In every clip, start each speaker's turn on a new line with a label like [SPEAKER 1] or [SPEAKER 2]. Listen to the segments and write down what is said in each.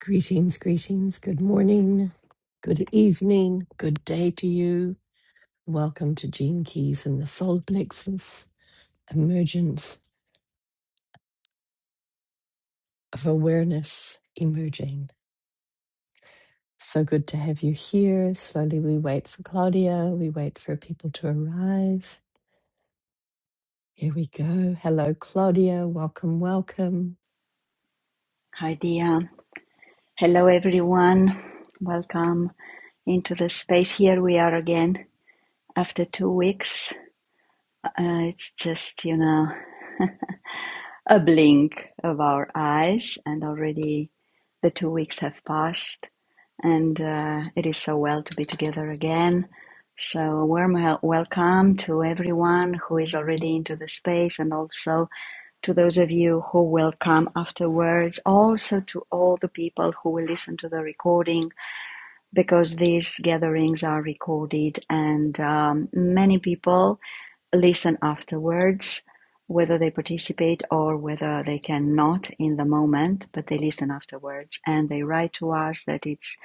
[SPEAKER 1] Greetings, greetings. Good morning, good evening, good day to you. Welcome to Gene Keys and the Solar Plexus, Emergence of Awareness Emerging. So good to have you here. Slowly we wait for Claudia, we wait for people to arrive. Here we go. Hello, Claudia. Welcome, welcome.
[SPEAKER 2] Hi, Dia. Hello, everyone. Welcome into the space. Here we are again after two weeks. Uh, it's just, you know, a blink of our eyes, and already the two weeks have passed. And uh, it is so well to be together again. So, a warm hel- welcome to everyone who is already into the space, and also to those of you who will come afterwards. Also, to all the people who will listen to the recording because these gatherings are recorded and um, many people listen afterwards, whether they participate or whether they cannot in the moment, but they listen afterwards and they write to us that it's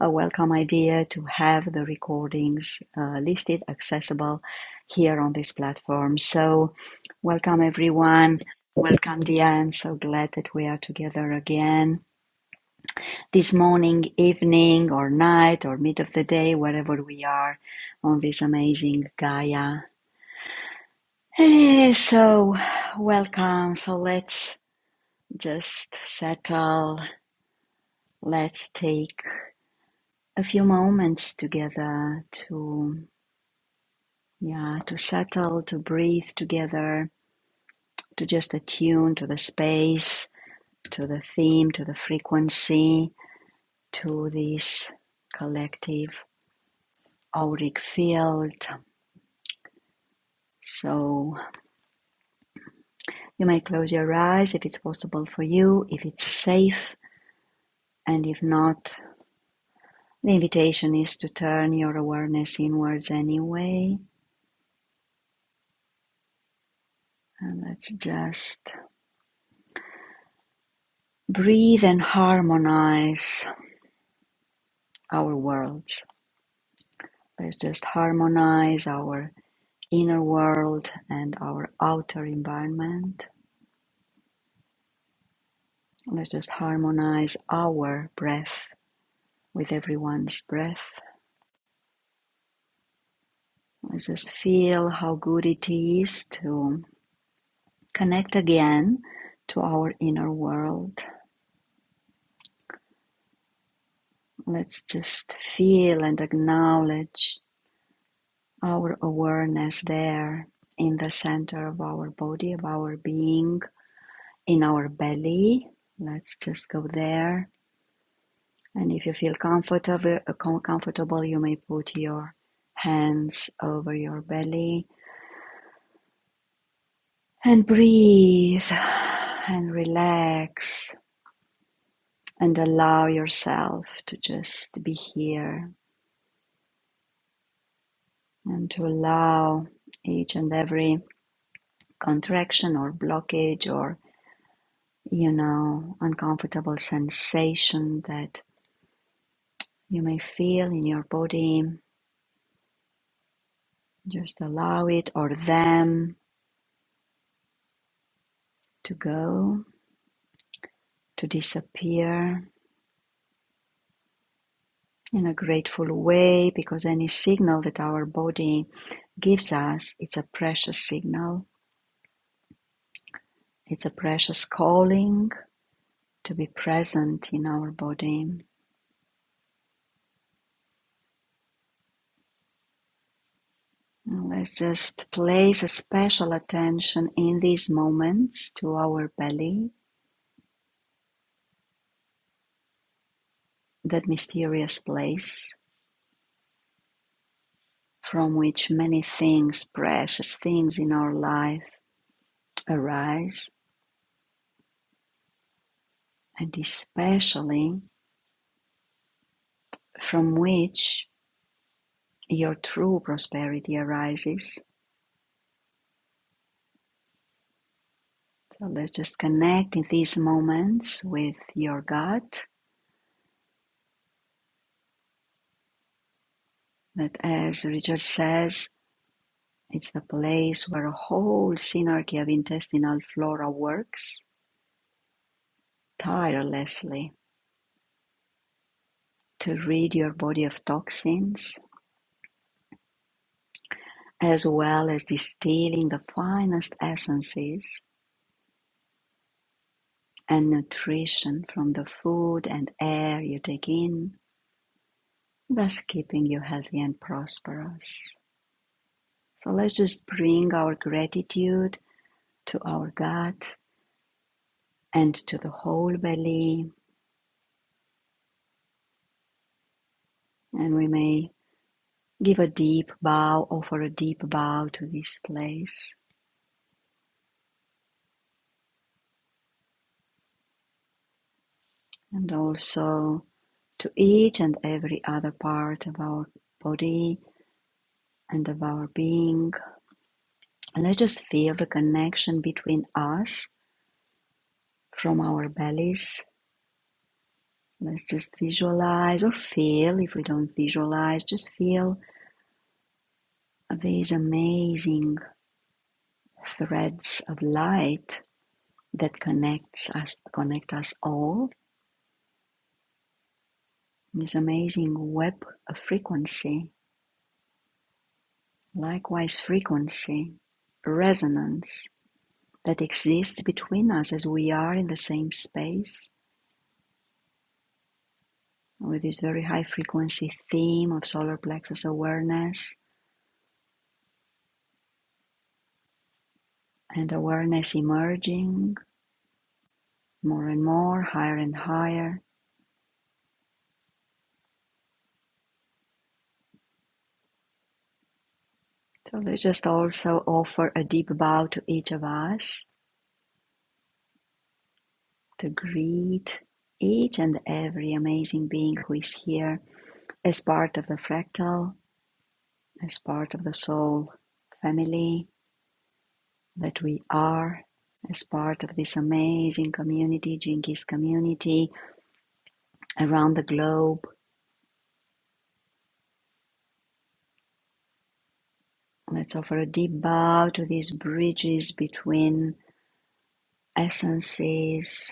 [SPEAKER 2] a welcome idea to have the recordings uh, listed, accessible here on this platform. So, welcome everyone. Welcome, Diane. So glad that we are together again this morning, evening, or night, or mid of the day, wherever we are on this amazing Gaia. Eh, so, welcome. So, let's just settle. Let's take a few moments together to, yeah, to settle, to breathe together, to just attune to the space, to the theme, to the frequency, to this collective auric field. So, You may close your eyes if it's possible for you, if it's safe, and if not, the invitation is to turn your awareness inwards anyway. And let's just breathe and harmonize our worlds. Let's just harmonize our inner world and our outer environment. Let's just harmonize our breath with everyone's breath. Let's just feel how good it is to connect again to our inner world. Let's just feel and acknowledge our awareness there in the center of our body, of our being, in our belly. Let's just go there. And if you feel comfortable, comfortable, you may put your hands over your belly and breathe and relax and allow yourself to just be here and to allow each and every contraction or blockage or you know uncomfortable sensation that you may feel in your body just allow it or them to go to disappear in a grateful way because any signal that our body gives us it's a precious signal it's a precious calling to be present in our body Now let's just place a special attention in these moments to our belly, that mysterious place from which many things, precious things in our life arise, and especially from which your true prosperity arises. So let's just connect in these moments with your gut, that as Richard says, it's the place where a whole synergy of intestinal flora works tirelessly to rid your body of toxins, as well as distilling the finest essences and nutrition from the food and air you take in, thus keeping you healthy and prosperous. So let's just bring our gratitude to our gut and to the whole belly, and we may give a deep bow, offer a deep bow to this place, and also to each and every other part of our body and of our being. and Let's just feel the connection between us from our bellies. Let's just visualize or feel, if we don't visualize, just feel these amazing threads of light that connects us connect us all. This amazing web of frequency, likewise frequency, resonance that exists between us as we are in the same space with this very high frequency theme of solar plexus awareness and awareness emerging more and more, higher and higher. So let's just also offer a deep bow to each of us to greet each and every amazing being who is here as part of the fractal, as part of the soul family, that we are as part of this amazing community, Jinkies community around the globe. Let's offer a deep bow to these bridges between essences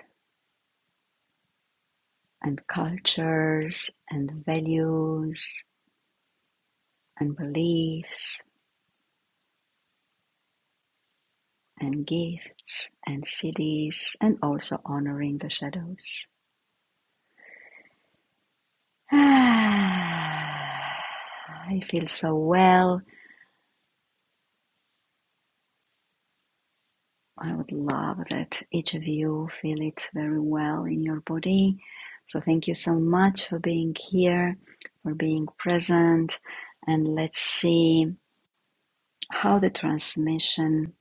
[SPEAKER 2] and cultures and values and beliefs and gifts and cities and also honoring the shadows. I feel so well I would love that each of you feel it very well in your body. So, thank you so much for being here, for being present, and let's see how the transmission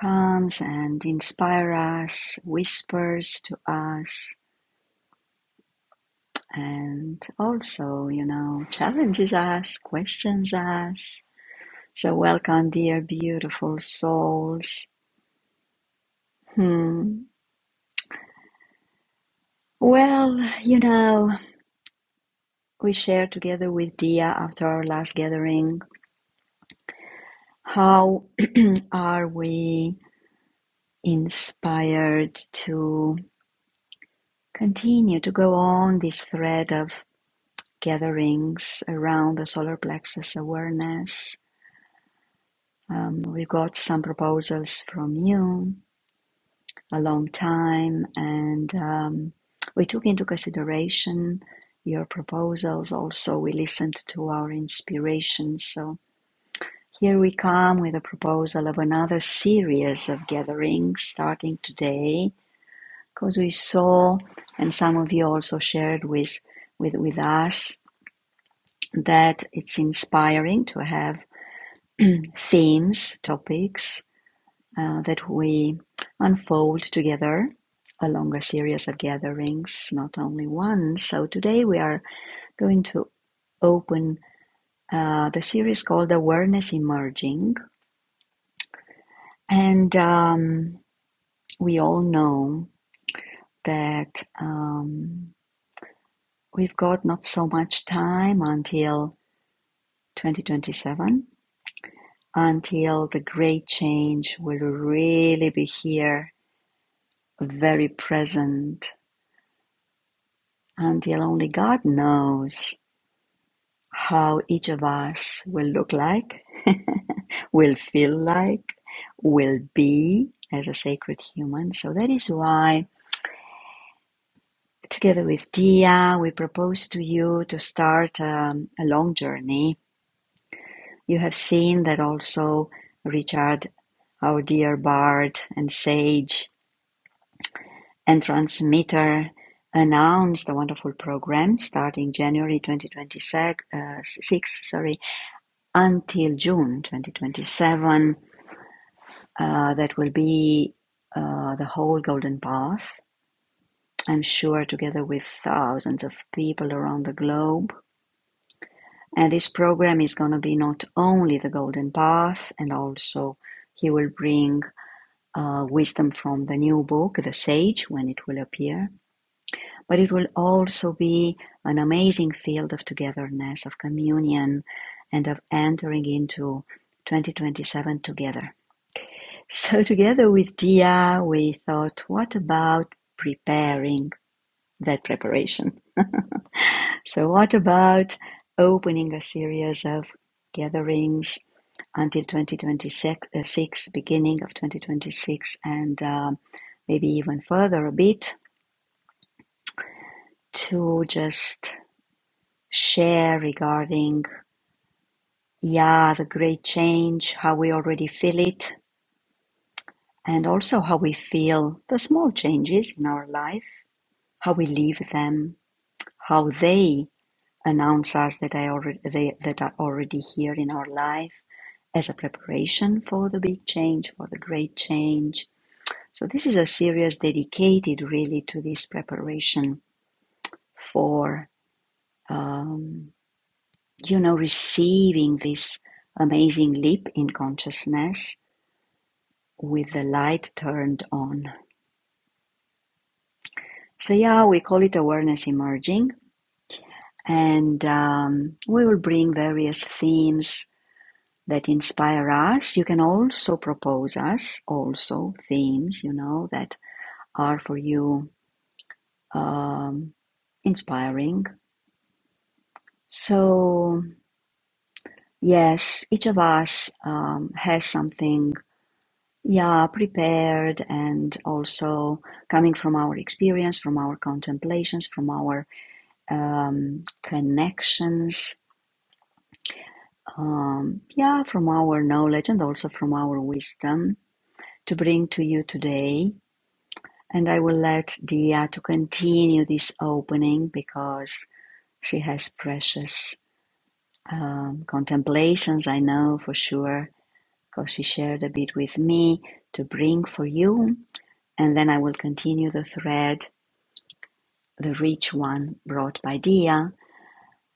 [SPEAKER 2] comes and inspire us, whispers to us, and also, you know, challenges us, questions us. So, welcome, dear beautiful souls. Hmm. Well, you know. We shared together with Dia after our last gathering how are we inspired to continue to go on this thread of gatherings around the solar plexus awareness. Um, we got some proposals from you a long time, and um, we took into consideration your proposals. Also, we listened to our inspirations. So Here we come with a proposal of another series of gatherings starting today, because we saw, and some of you also shared with, with, with us, that it's inspiring to have themes, topics uh, that we unfold together along a series of gatherings, not only one. So today we are going to open uh, the series called Awareness Emerging. And um, we all know that um, we've got not so much time until 2027, until the great change will really be here, very present, until only God knows how each of us will look like, will feel like, will be as a sacred human. So that is why, together with Dia, we propose to you to start um, a long journey You have seen that also Richard, our dear bard and sage and transmitter, announced a wonderful program starting January 2026, uh, six, sorry, until June 2027. Uh, that will be uh, the whole Golden Path, I'm sure, together with thousands of people around the globe. And this program is going to be not only the Golden Path, and also he will bring uh, wisdom from the new book, The Sage, when it will appear, but it will also be an amazing field of togetherness, of communion, and of entering into 2027 together. So, together with Dia, we thought, what about preparing that preparation? So, what about opening a series of gatherings until 2026, uh, six, beginning of 2026, and um, maybe even further a bit to just share regarding, yeah, the great change, how we already feel it, and also how we feel the small changes in our life, how we live them, how they announce us that I already they, that are already here in our life as a preparation for the big change, for the great change So this is a series dedicated really to this preparation for, um, you know, receiving this amazing leap in consciousness with the light turned on. So yeah, we call it awareness emerging, and um, we will bring various themes that inspire us. You can also propose us also themes, you know, that are for you um, inspiring. So Yes, each of us um, has something, yeah, prepared and also coming from our experience, from our contemplations, from our um, connections, um, yeah, from our knowledge and also from our wisdom to bring to you today. And I will let Dia to continue this opening because she has precious um, contemplations, I know for sure 'cause she shared a bit with me to bring for you. And then I will continue the thread, the rich one brought by Dia.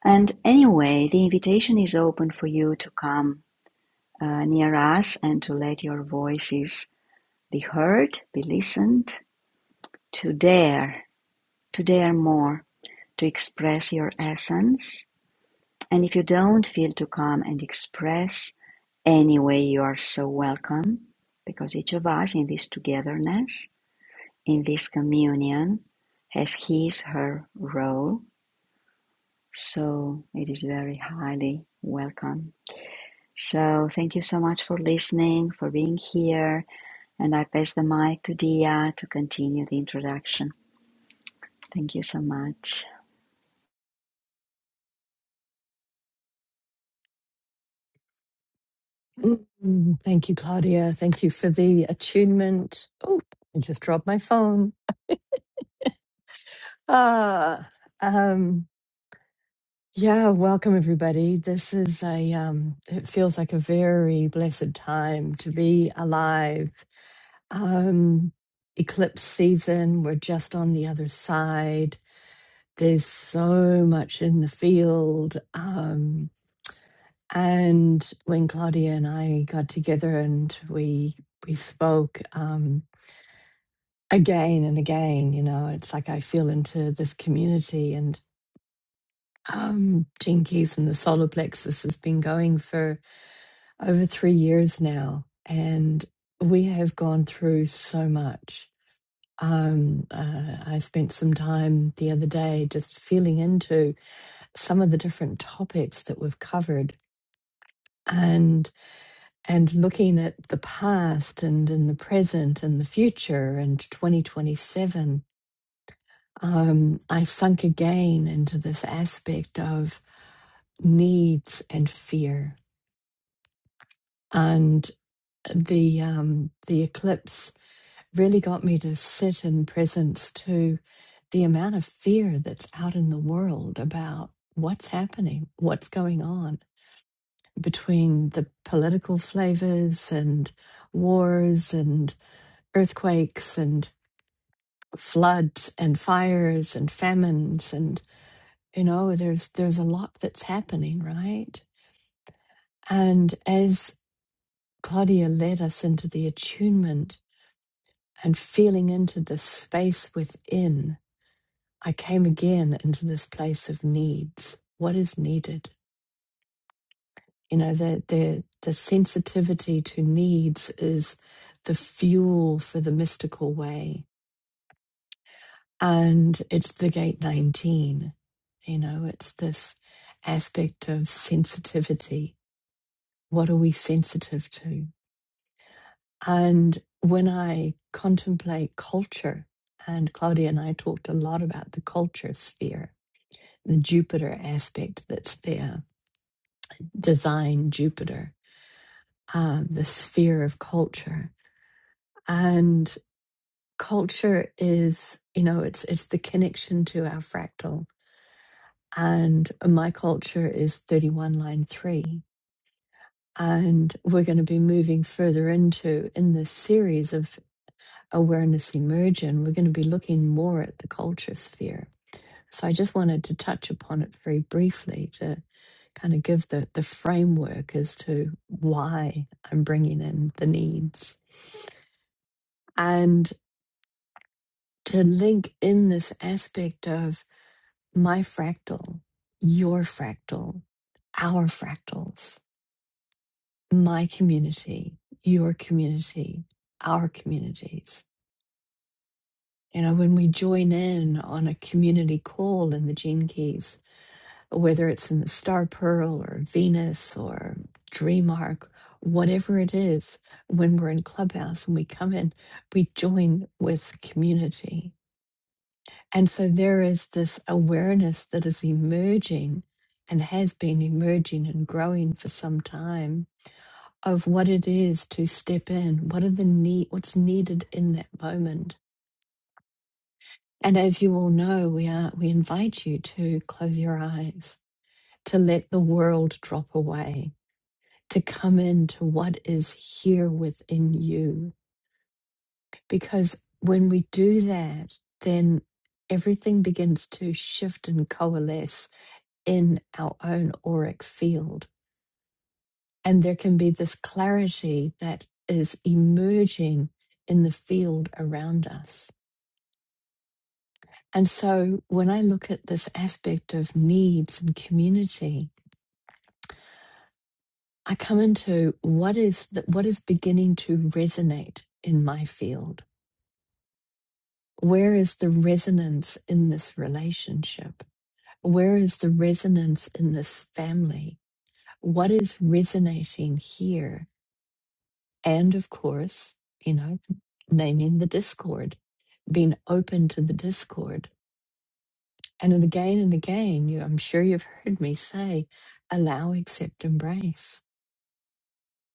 [SPEAKER 2] And anyway, the invitation is open for you to come uh, near us and to let your voices be heard, be listened, to dare, to dare more, to express your essence. And if you don't feel to come and express, anyway, you are so welcome because each of us in this togetherness In this communion has his/her role, so it is very highly welcome. So thank you so much for listening, for being here, and I pass the mic to Dia to continue the introduction. Thank you so much.
[SPEAKER 1] Mm, Thank you, Claudia. Thank you for the attunement. Oh, I just dropped my phone. Ah, um, Yeah, welcome everybody. This is a um it feels like a very blessed time to be alive. Um eclipse season, we're just on the other side. There's so much in the field. Um and when Claudia and I got together and we we spoke um again and again, you know, it's like I feel into this community and um Jinkies and the solar plexus has been going for over three years now, and we have gone through so much. Um, uh, I spent some time the other day just feeling into some of the different topics that we've covered and and looking at the past and in the present and the future and 2027 um, i sunk again into this aspect of needs and fear and the um, the eclipse really got me to sit in presence to the amount of fear that's out in the world about what's happening, what's going on between the political flavors and wars and earthquakes and floods and fires and famines and you know there's there's a lot that's happening right and as claudia led us into the attunement and feeling into the space within I came again into this place of needs. What is needed? You know, the the the sensitivity to needs is the fuel for the mystical way. And it's the gate 19. You know, it's this aspect of sensitivity. What are we sensitive to? And when I contemplate culture, and Claudia and I talked a lot about the culture sphere, the Jupiter aspect that's there design Jupiter, um, the sphere of culture. And culture is, you know, it's it's the connection to our fractal. And my culture is 31 line three. And we're going to be moving further into in this series of awareness immersion. We're going to be looking more at the culture sphere So I just wanted to touch upon it very briefly to kind of give the, the framework as to why I'm bringing in the needs and to link in this aspect of my fractal, your fractal, our fractals, my community, your community, our communities. You know, when we join in on a community call in the Gene Keys whether it's in the star pearl or Venus or dream arc, whatever it is, when we're in Clubhouse and we come in, we join with community. And so there is this awareness that is emerging and has been emerging and growing for some time of what it is to step in, what are the need what's needed in that moment. And as you all know, we are we invite you to close your eyes, to let the world drop away to come into what is here within you. Because when we do that, then everything begins to shift and coalesce in our own auric field. And there can be this clarity that is emerging in the field around us. And so when I look at this aspect of needs and community, I come into what is that what is beginning to resonate in my field Where is the resonance in this relationship? Where is the resonance in this family? What is resonating here? And of course, you know, naming the discord, being open to the discord. And then again and again, you, I'm sure you've heard me say, allow, accept, embrace.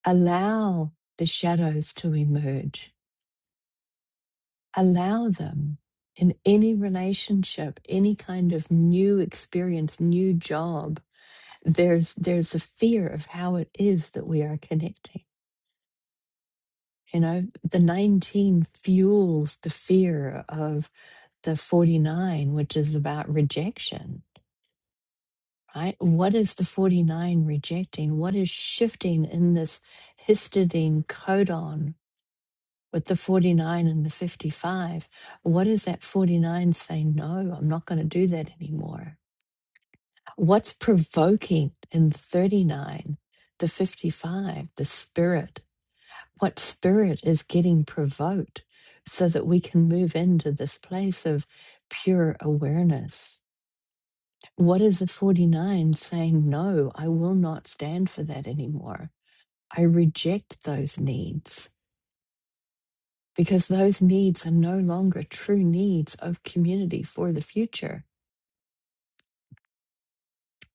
[SPEAKER 1] Allow the shadows to emerge allow them in any relationship any kind of new experience new job there's there's a fear of how it is that we are connecting you know the 19 fuels the fear of the 49 which is about rejection right what is the 49 rejecting what is shifting in this histidine codon with the 49 and the 55 what is that 49 saying no i'm not going to do that anymore what's provoking in the 39 the 55 the spirit what spirit is getting provoked so that we can move into this place of pure awareness what is the 49 saying no i will not stand for that anymore i reject those needs because those needs are no longer true needs of community for the future.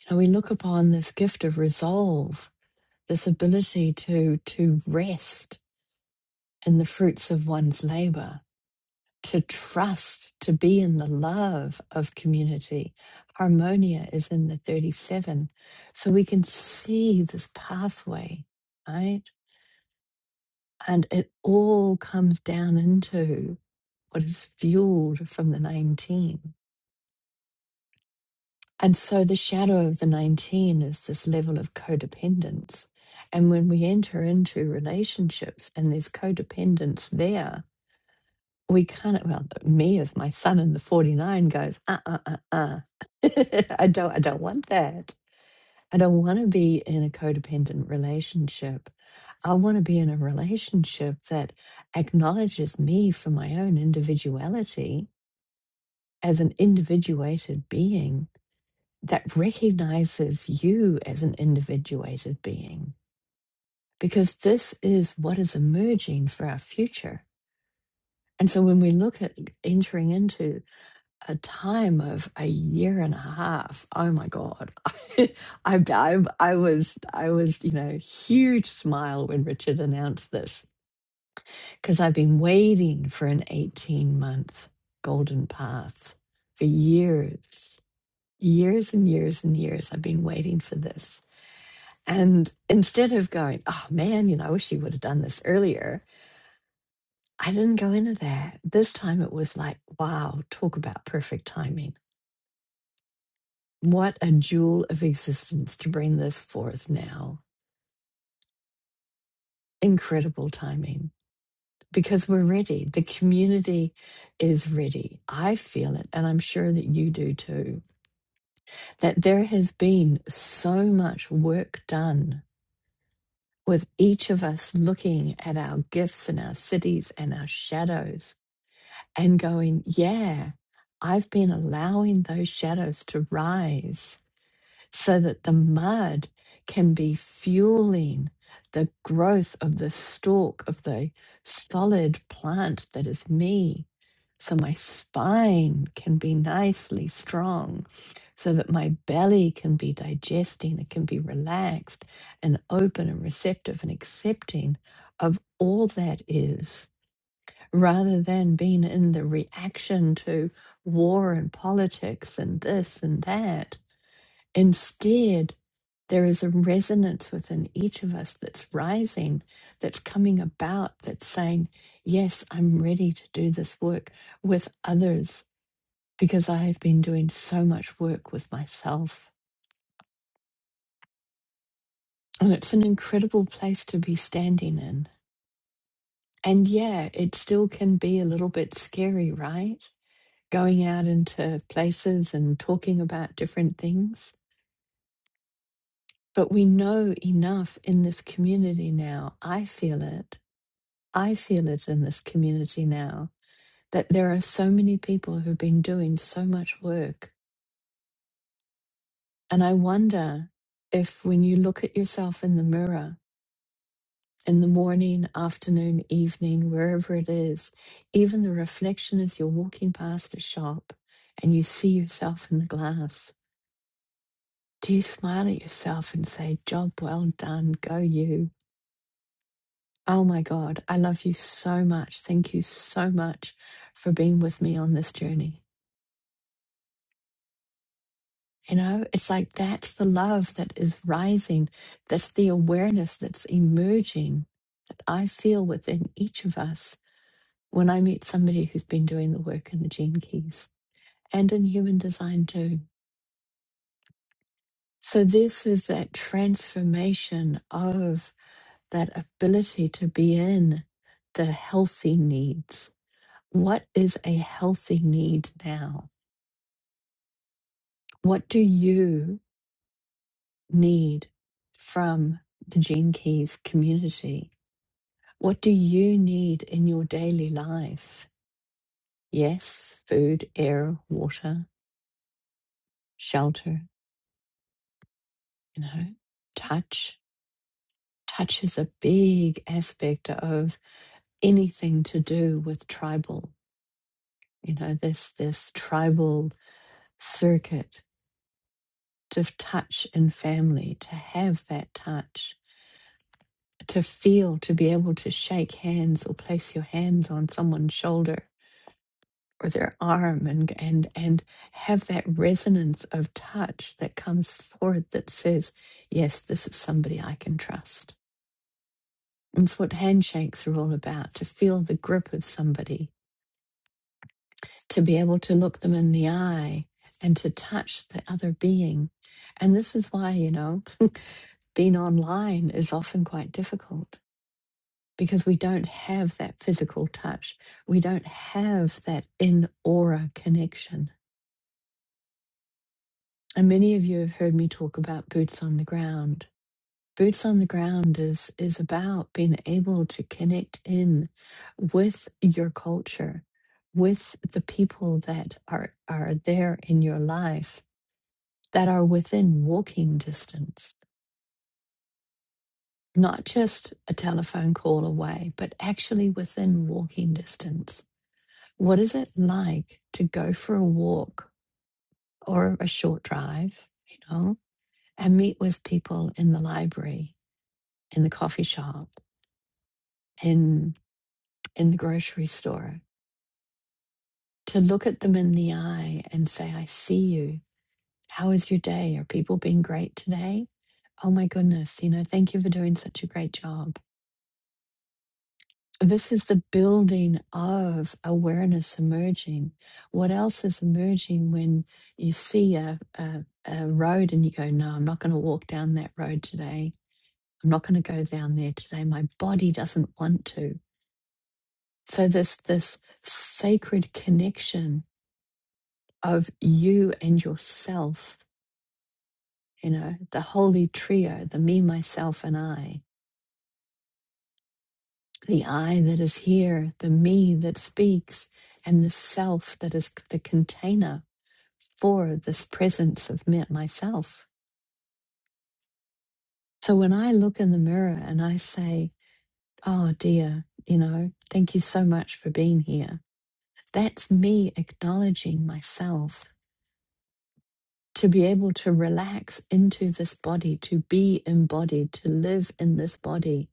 [SPEAKER 1] You know, we look upon this gift of resolve, this ability to to rest in the fruits of one's labor, to trust, to be in the love of community. Harmonia is in the 37. So we can see this pathway, right? And it all comes down into what is fueled from the 19 And so the shadow of the 19 is this level of codependence. And when we enter into relationships and there's codependence there, we can't, well, me as my son in the 49 goes, uh, uh, uh, uh. I don't, I don't want that. I don't want to be in a codependent relationship. I want to be in a relationship that acknowledges me for my own individuality as an individuated being that recognizes you as an individuated being, because this is what is emerging for our future. And so when we look at entering into a time of a year and a half, oh my God, I, I, I was, I was, you know, huge smile when Richard announced this because I've been waiting for an 18 month golden path for years, years and years and years. I've been waiting for this. And instead of going, oh man, you know, I wish you would have done this earlier, I didn't go into that. This time it was like, wow, talk about perfect timing. What a jewel of existence to bring this forth now. Incredible timing because we're ready. The community is ready. I feel it, and I'm sure that you do too, that there has been so much work done with each of us looking at our gifts and our cities and our shadows and going, yeah, I've been allowing those shadows to rise so that the mud can be fueling the growth of the stalk of the solid plant that is me. So my spine can be nicely strong, so that my belly can be digesting, it can be relaxed and open and receptive and accepting of all that is rather than being in the reaction to war and politics and this and that. Instead, there is a resonance within each of us that's rising, that's coming about, that's saying, Yes, I'm ready to do this work with others because I have been doing so much work with myself. And it's an incredible place to be standing in. And yeah, it still can be a little bit scary, right? going out into places and talking about different things. But we know enough in this community now. I feel it. I feel it in this community now that there are so many people who've been doing so much work. And I wonder if when you look at yourself in the mirror in the morning, afternoon, evening, wherever it is, even the reflection as you're walking past a shop and you see yourself in the glass, Do you smile at yourself and say, Job well done, go you? Oh my God, I love you so much. Thank you so much for being with me on this journey. You know, it's like that's the love that is rising, that's the awareness that's emerging that I feel within each of us when I meet somebody who's been doing the work in the gene keys and in human design too. So, this is that transformation of that ability to be in the healthy needs. What is a healthy need now? What do you need from the Gene Keys community? What do you need in your daily life? Yes, food, air, water, shelter, you know, touch. Touch is a big aspect of anything to do with tribal, you know, this this tribal circuit to touch in family, to have that touch, to feel, to be able to shake hands or place your hands on someone's shoulder or their arm and and and have that resonance of touch that comes forward that says, yes, this is somebody I can trust. And it's what handshakes are all about, to feel the grip of somebody, to be able to look them in the eye and to touch the other being. And this is why, you know, being online is often quite difficult because we don't have that physical touch. We don't have that in aura connection. And many of you have heard me talk about boots on the ground. Boots on the ground is, is about being able to connect in with your culture, with the people that are, are there in your life that are within walking distance not just a telephone call away, but actually within walking distance. What is it like to go for a walk or a short drive, you know, and meet with people in the library, in the coffee shop, in in the grocery store, to look at them in the eye and say, I see you. How is your day? Are people being great today? Oh my goodness, you know, thank you for doing such a great job this is the building of awareness emerging. What else is emerging when you see a, a, a road and you go, No, I'm not going to walk down that road today. I'm not going to go down there today. My body doesn't want to. So, this, this sacred connection of you and yourself, you know, the holy trio, the me, myself, and I, the I that is here, the me that speaks, and the self that is c- the container for this presence of me- myself. So when I look in the mirror and I say, Oh dear, you know, thank you so much for being here, that's me acknowledging myself to be able to relax into this body, to be embodied, to live in this body.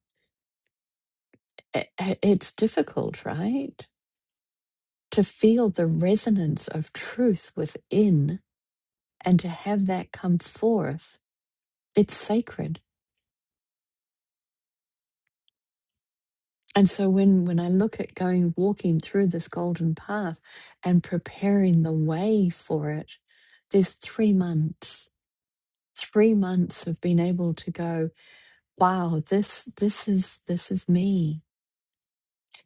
[SPEAKER 1] I- I- It's difficult, right? To feel the resonance of truth within and to have that come forth. It's sacred And so when when I look at going walking through this golden path and preparing the way for it, there's three months. Three months of being able to go, wow, this this is this is me.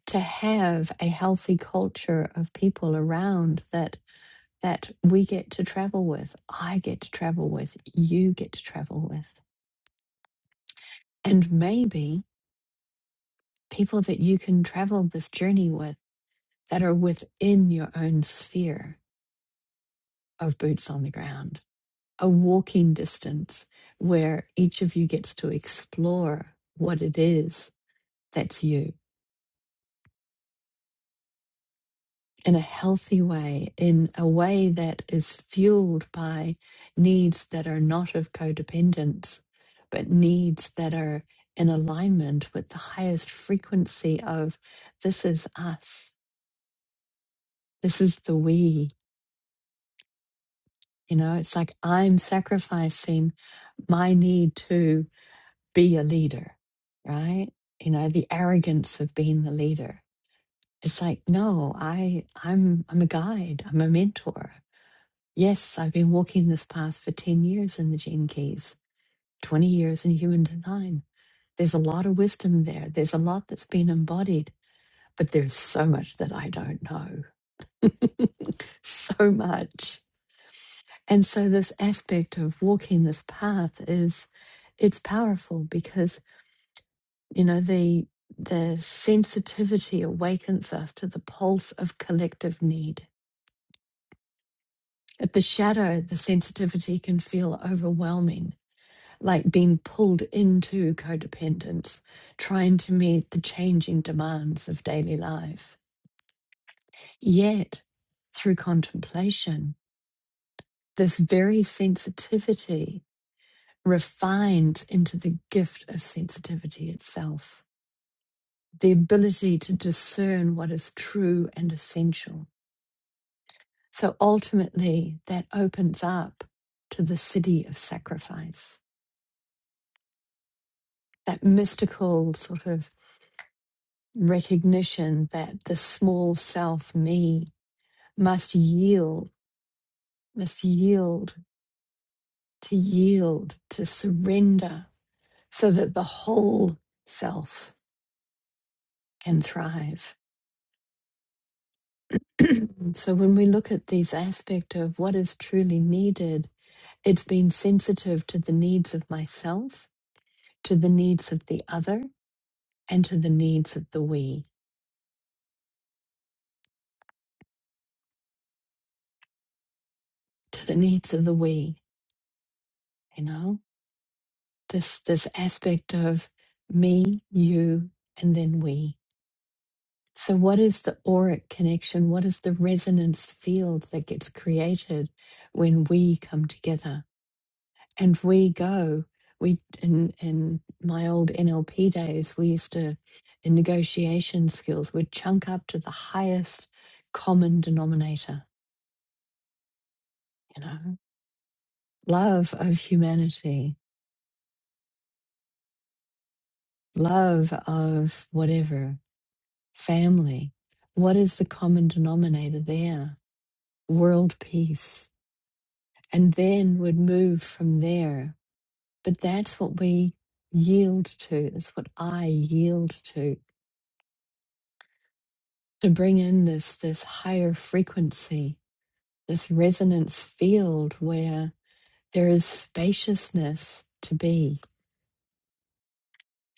[SPEAKER 1] To have a healthy culture of people around that that we get to travel with, I get to travel with, you get to travel with. And maybe people that you can travel this journey with that are within your own sphere of boots on the ground, a walking distance where each of you gets to explore what it is that's you in a healthy way, in a way that is fueled by needs that are not of codependence, but needs that are in alignment with the highest frequency of this is us, this is the we. You know, it's like I'm sacrificing my need to be a leader, right? You know, the arrogance of being the leader. It's like, no, I I'm I'm a guide, I'm a mentor. Yes, I've been walking this path for 10 years in the Gene Keys, 20 years in human design. There's a lot of wisdom there. There's a lot that's been embodied, but there's so much that I don't know. So much. And so this aspect of walking this path is it's powerful because. you know the the sensitivity awakens us to the pulse of collective need at the shadow the sensitivity can feel overwhelming like being pulled into codependence trying to meet the changing demands of daily life yet through contemplation this very sensitivity refines into the gift of sensitivity itself the ability to discern what is true and essential So ultimately, that opens up to the city of sacrifice, that mystical sort of recognition that the small self, me, must yield, must yield, to yield, to surrender, so that the whole self can thrive. And So when we look at these aspect of what is truly needed, it's being sensitive to the needs of myself, to the needs of the other, and to the needs of the we to the needs of the we you know this this aspect of me you and then we so what is the auric connection what is the resonance field that gets created when we come together and we go we in in my old nlp days we used to in negotiation skills we'd chunk up to the highest common denominator you know love of humanity love of whatever, family. What is the common denominator there? World peace. And then would move from there. But that's what we yield to. That's what I yield to. To bring in this this higher frequency, this resonance field where there is spaciousness to be.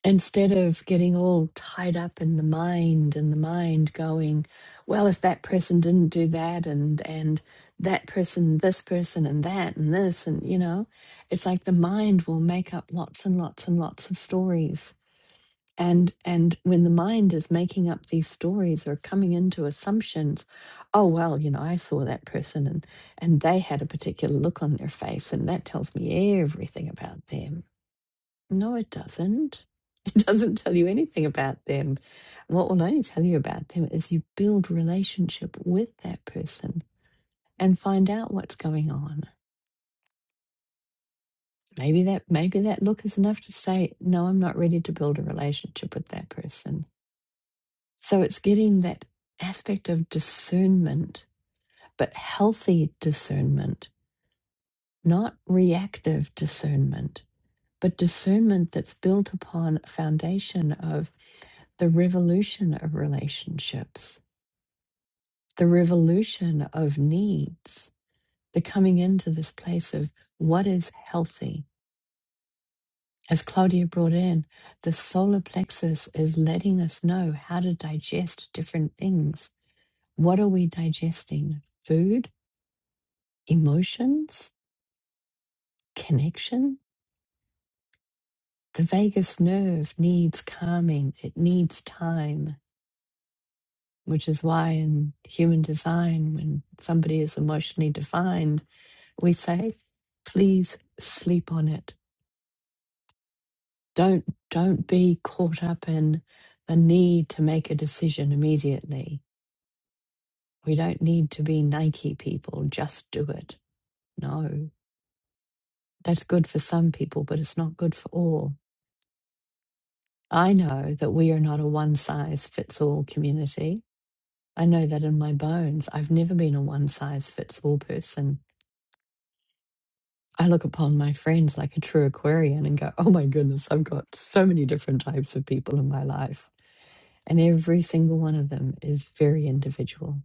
[SPEAKER 1] instead of getting all tied up in the mind and the mind going well if that person didn't do that and and that person this person and that and this and you know it's like the mind will make up lots and lots and lots of stories and and when the mind is making up these stories or coming into assumptions oh well you know i saw that person and and they had a particular look on their face and that tells me everything about them no, it doesn't. It doesn't tell you anything about them. What will only tell you about them is you build relationship with that person and find out what's going on. Maybe that maybe that look is enough to say, no, I'm not ready to build a relationship with that person. So it's getting that aspect of discernment, but healthy discernment, not reactive discernment but discernment that's built upon a foundation of the revolution of relationships, the revolution of needs, the coming into this place of what is healthy. As Claudia brought in, the solar plexus is letting us know how to digest different things. What are we digesting? Food, emotions, connection? The vagus nerve needs calming, it needs time which is why in human design, when somebody is emotionally defined, we say, please sleep on it. Don't don't be caught up in the need to make a decision immediately. We don't need to be Nike people, just do it. No. That's good for some people, but it's not good for all. I know that we are not a one size fits all community. I know that in my bones. I've never been a one size fits all person I look upon my friends like a true Aquarian and go, oh my goodness, I've got so many different types of people in my life. And every single one of them is very individual,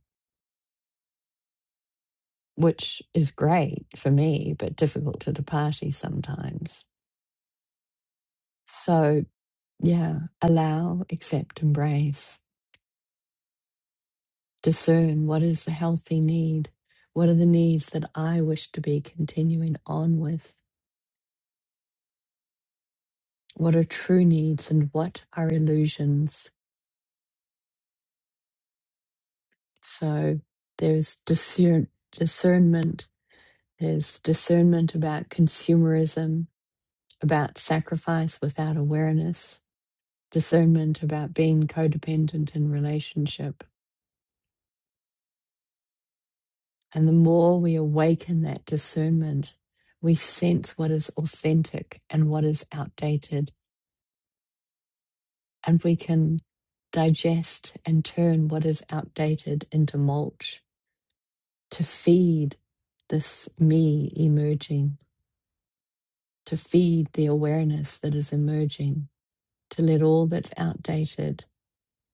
[SPEAKER 1] which is great for me, but difficult to the party sometimes. So, yeah, allow, accept, embrace, discern what is the healthy need? What are the needs that I wish to be continuing on with? What are true needs and what are illusions? So there's discern, discernment, there's discernment about consumerism, about sacrifice without awareness, discernment about being codependent in relationship. And the more we awaken that discernment, we sense what is authentic and what is outdated, and we can digest and turn what is outdated into mulch to feed this me emerging to feed the awareness that is emerging, to let all that's outdated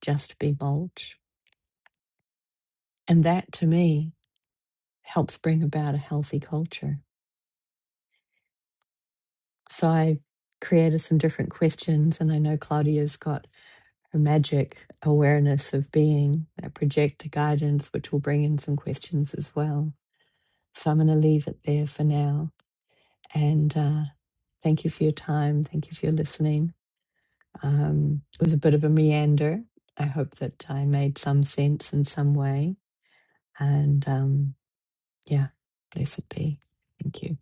[SPEAKER 1] just be mulch. And that to me helps bring about a healthy culture. So I created some different questions, and I know Claudia's got her magic awareness of being, that projector guidance, which will bring in some questions as well. So I'm going to leave it there for now. And uh, thank you for your time. Thank you for your listening. Um, it was a bit of a meander. I hope that I made some sense in some way. And um, yeah, blessed be. Thank you.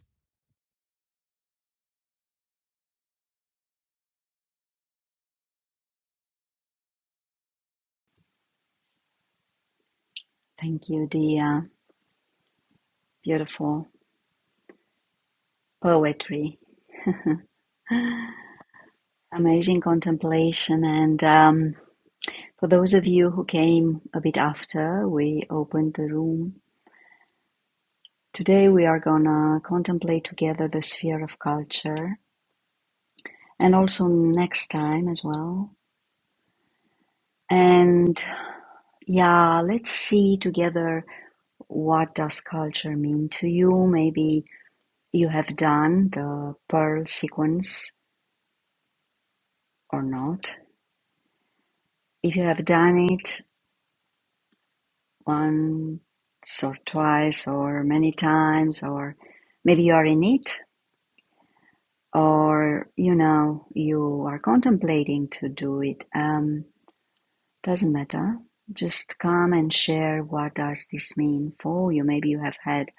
[SPEAKER 2] Thank you, Dia. Beautiful poetry, amazing contemplation, and um, for those of you who came a bit after, we opened the room Today we are gonna contemplate together the sphere of culture and also next time as well. And yeah, let's see together what does culture mean to you. Maybe you have done the pearl sequence or not. If you have done it once or twice or many times or maybe you are in it or you know you are contemplating to do it. Um, Doesn't matter. Just come and share what does this mean for you. Maybe you have had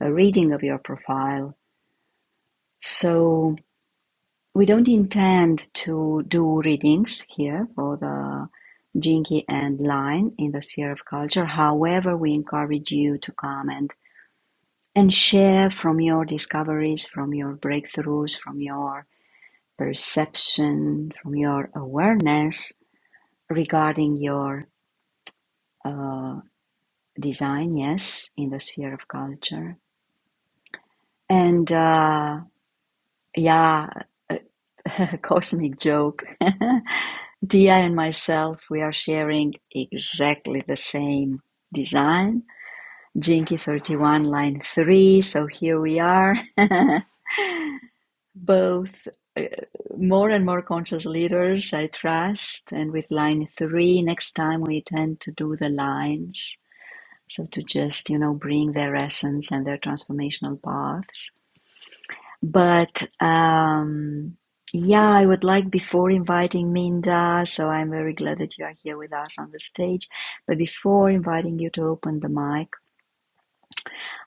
[SPEAKER 2] a reading of your profile. So we don't intend to do readings here for the Jinky and Line in the sphere of culture. However, we encourage you to come and, and share from your discoveries, from your breakthroughs, from your perception, from your awareness regarding your uh, design, yes, in the sphere of culture. And uh, yeah, cosmic joke. Dia and myself, we are sharing exactly the same design. Jinky 31, line 3. So here we are, both uh, more and more conscious leaders, I trust. And with line 3, next time we tend to do the lines. So to just, you know, bring their essence and their transformational paths But um, yeah, I would like before inviting Minda, so I'm very glad that you are here with us on the stage. But before inviting you to open the mic,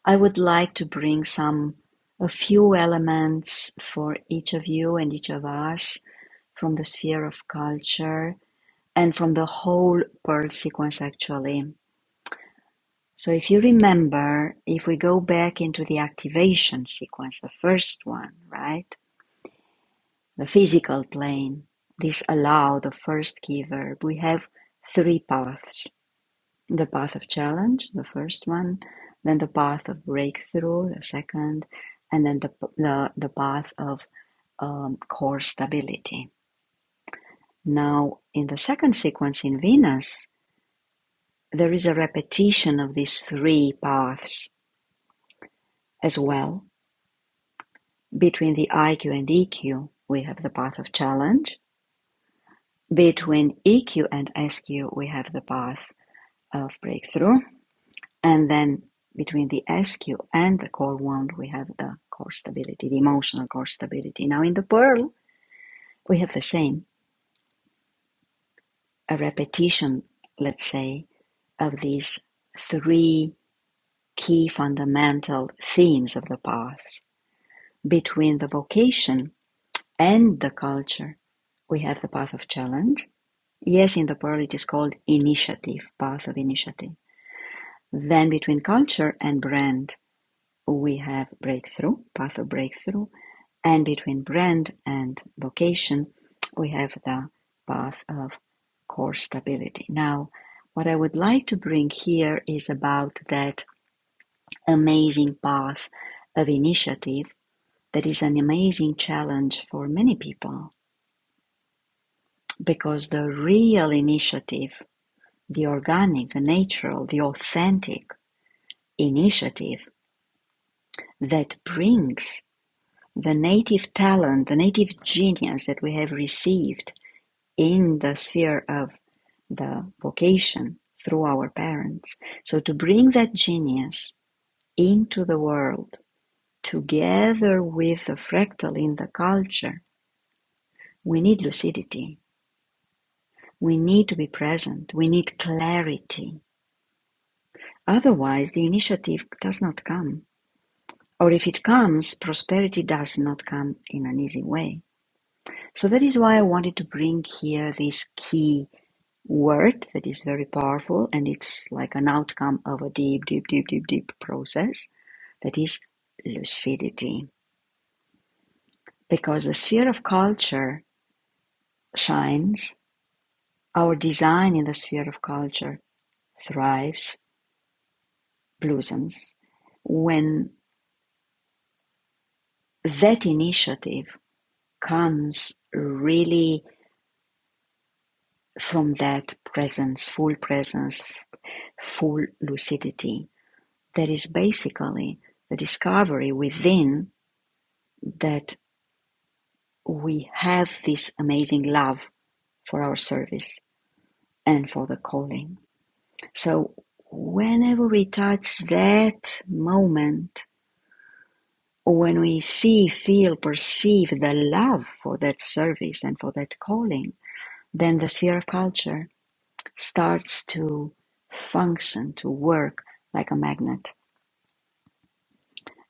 [SPEAKER 2] I would like to bring some a few elements for each of you and each of us from the sphere of culture and from the whole Pearl sequence actually. So if you remember, if we go back into the activation sequence, the first one, right? the physical plane. This allow the first key verb. We have three paths. The path of challenge, the first one, then the path of breakthrough, the second, and then the, the, the path of um, core stability. Now, in the second sequence in Venus, there is a repetition of these three paths as well. Between the IQ and EQ, we have the path of challenge. Between EQ and SQ, we have the path of breakthrough. And then between the SQ and the core wound, we have the core stability, the emotional core stability. Now in the pearl, we have the same, a repetition, let's say, of these three key fundamental themes of the paths. Between the vocation and the culture, we have the path of challenge. Yes, in the pearl, it is called initiative, path of initiative. Then between culture and brand, we have breakthrough, path of breakthrough, and between brand and vocation, we have the path of core stability. Now, what I would like to bring here is about that amazing path of initiative that is an amazing challenge for many people because the real initiative, the organic, the natural, the authentic initiative that brings the native talent, the native genius that we have received in the sphere of the vocation through our parents. So to bring that genius into the world together with the fractal in the culture, we need lucidity. We need to be present. We need clarity. Otherwise, the initiative does not come. Or if it comes, prosperity does not come in an easy way. So that is why I wanted to bring here these key word that is very powerful and it's like an outcome of a deep, deep, deep, deep, deep process that is lucidity. Because the sphere of culture shines, our design in the sphere of culture thrives, blossoms, when that initiative comes really from that presence, full presence, full lucidity. That is basically the discovery within that we have this amazing love for our service and for the calling. So, whenever we touch that moment, or when we see, feel, perceive the love for that service and for that calling, then the sphere of culture starts to function, to work like a magnet.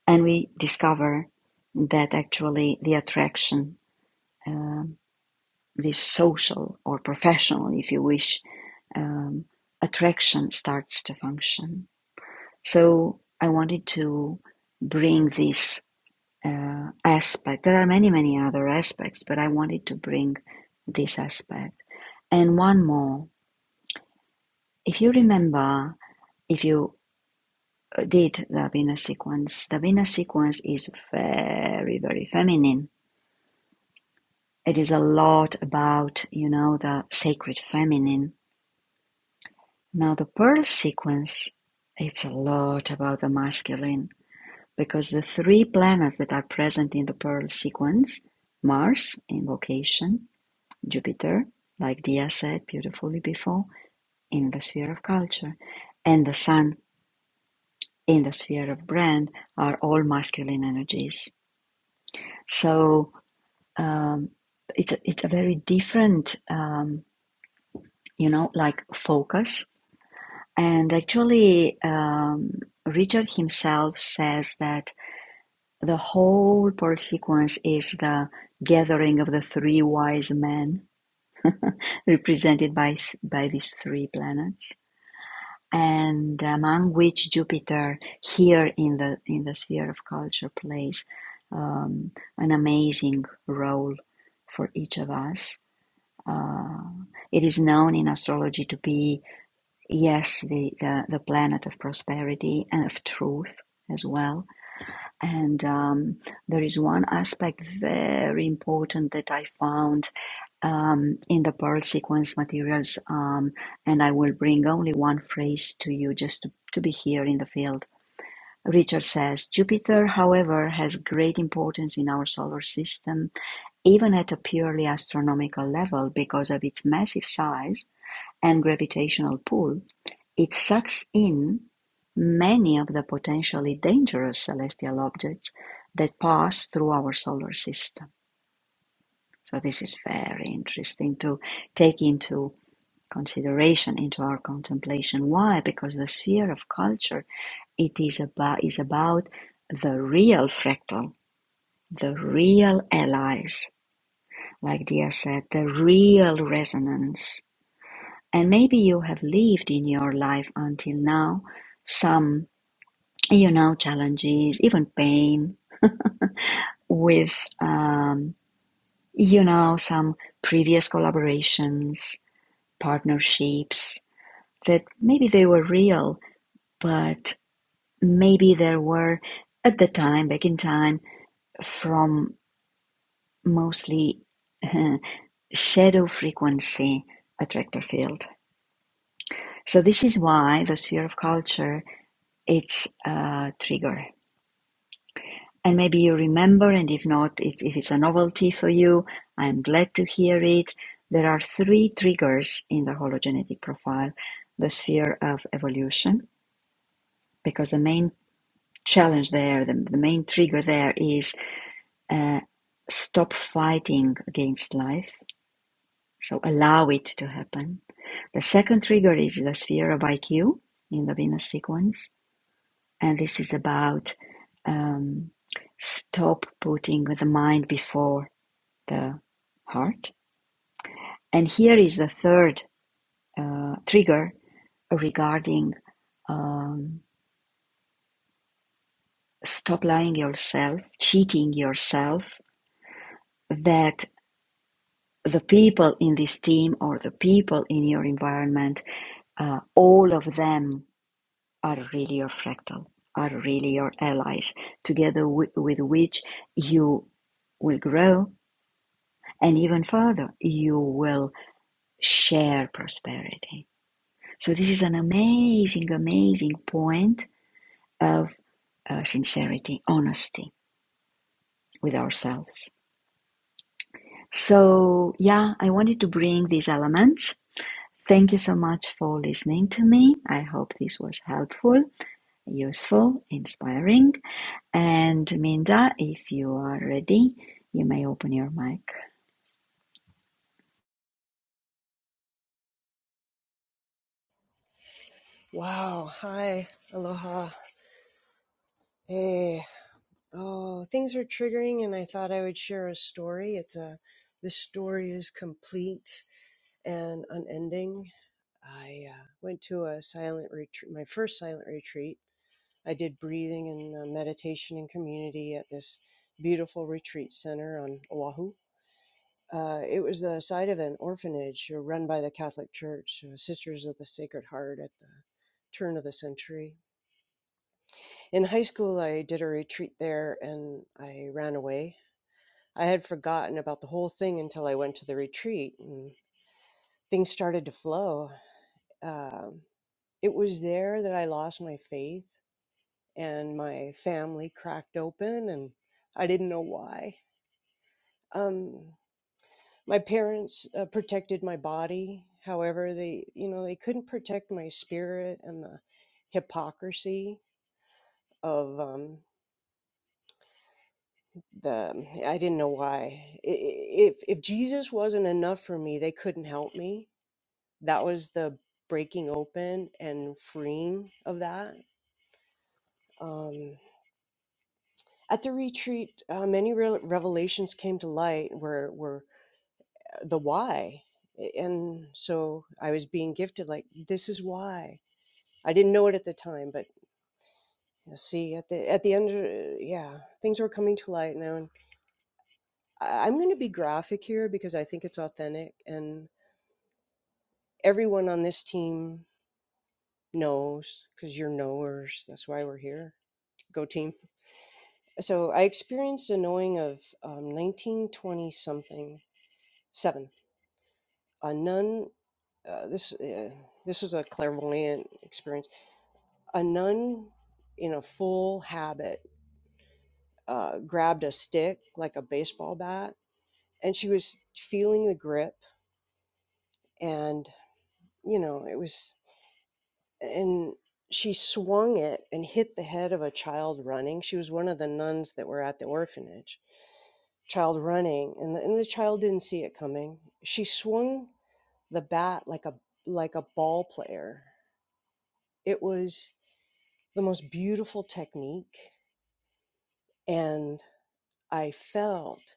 [SPEAKER 2] And we discover that actually the attraction, um, this social or professional, if you wish, um, attraction starts to function. So I wanted to bring this uh, aspect. There are many, many other aspects, but I wanted to bring this aspect. And one more. If you remember, if you uh, did the Vina sequence, the Vina sequence is very, very feminine. It is a lot about, you know, the sacred feminine. Now, the pearl sequence, it's a lot about the masculine Because the three planets that are present in the Pearl sequence, Mars in vocation, Jupiter, like Dia said beautifully before, in the sphere of culture, and the Sun in the sphere of brand are all masculine energies. So um, it's a, it's a very different, um, you know, like focus. And actually, um, Richard himself says that The whole birth sequence is the gathering of the three wise men, represented by by these three planets, and among which Jupiter, here in the in the sphere of culture, plays um, an amazing role for each of us. Uh, it is known in astrology to be, yes, the, the, the planet of prosperity and of truth as well And um, there is one aspect very important that I found um, in the pearl sequence materials, um, and I will bring only one phrase to you just to, to be here in the field. Richard says Jupiter, however, has great importance in our solar system, even at a purely astronomical level, because of its massive size and gravitational pull it sucks in many of the potentially dangerous celestial objects that pass through our solar system. So this is very interesting to take into consideration into our contemplation. Why? Because the sphere of culture it is about is about the real fractal, the real allies, like Dia said, the real resonance. And maybe you have lived in your life until now some you know, challenges, even pain with, um, you know, some previous collaborations, partnerships that maybe they were real, but maybe there were at the time, back in time, from mostly uh, shadow frequency attractor field. So this is why the sphere of culture it's a trigger and maybe you remember, and if not, it's, if it's a novelty for you, I'm glad to hear it. There are three triggers in the hologenetic profile the sphere of evolution, because the main challenge there, the, the main trigger there is uh, stop fighting against life, so allow it to happen. The second trigger is the sphere of IQ in the Venus sequence, and this is about um, stop putting the mind before the heart. And here is the third uh, trigger regarding um, stop lying yourself, cheating yourself, that the people in this team or the people in your environment, uh, all of them are really your fractal, are really your allies, together wi- with which you will grow and even further, you will share prosperity So this is an amazing, amazing point of uh, sincerity, honesty with ourselves. So yeah, I wanted to bring these elements. Thank you so much for listening to me. I hope this was helpful, useful, inspiring. And Minda, if you are ready, you may open your mic.
[SPEAKER 3] Wow. Hi. Aloha. Hey. Oh, things are triggering, and I thought I would share a story. It's a, this story is complete and unending. I uh, went to a silent retreat, my first silent retreat. I did breathing and uh, meditation and community at this beautiful retreat center on Oahu. Uh, it was the site of an orphanage uh, run by the Catholic Church, uh, Sisters of the Sacred Heart at the turn of the century In high school, I did a retreat there and I ran away. I had forgotten about the whole thing until I went to the retreat and things started to flow. Um, it was there that I lost my faith and my family cracked open and I didn't know why. Um, my parents uh, protected my body. However, they, you know, they couldn't protect my spirit and the hypocrisy of um, the mm, I didn't know why. I- i- If if Jesus wasn't enough for me, they couldn't help me. That was the breaking open and freeing of that. Um, at the retreat, uh, many re- revelations came to light where were the why, and so I was being gifted like this is why. I didn't know it at the time, but you know, see at the at the end, uh, yeah, things were coming to light now. And I, I'm going to be graphic here because I think it's authentic and everyone on this team knows because you're knowers. That's why we're here. Go team. So I experienced a knowing of um, 1920 something, seven. A nun, uh, this, uh, this was a clairvoyant experience. A nun in a full habit uh, grabbed a stick like a baseball bat and she was feeling the grip. And, you know, it was and she swung it and hit the head of a child running. She was one of the nuns that were at the orphanage. Child running, and the, and the child didn't see it coming. She swung the bat like a like a ball player. It was the most beautiful technique, and I felt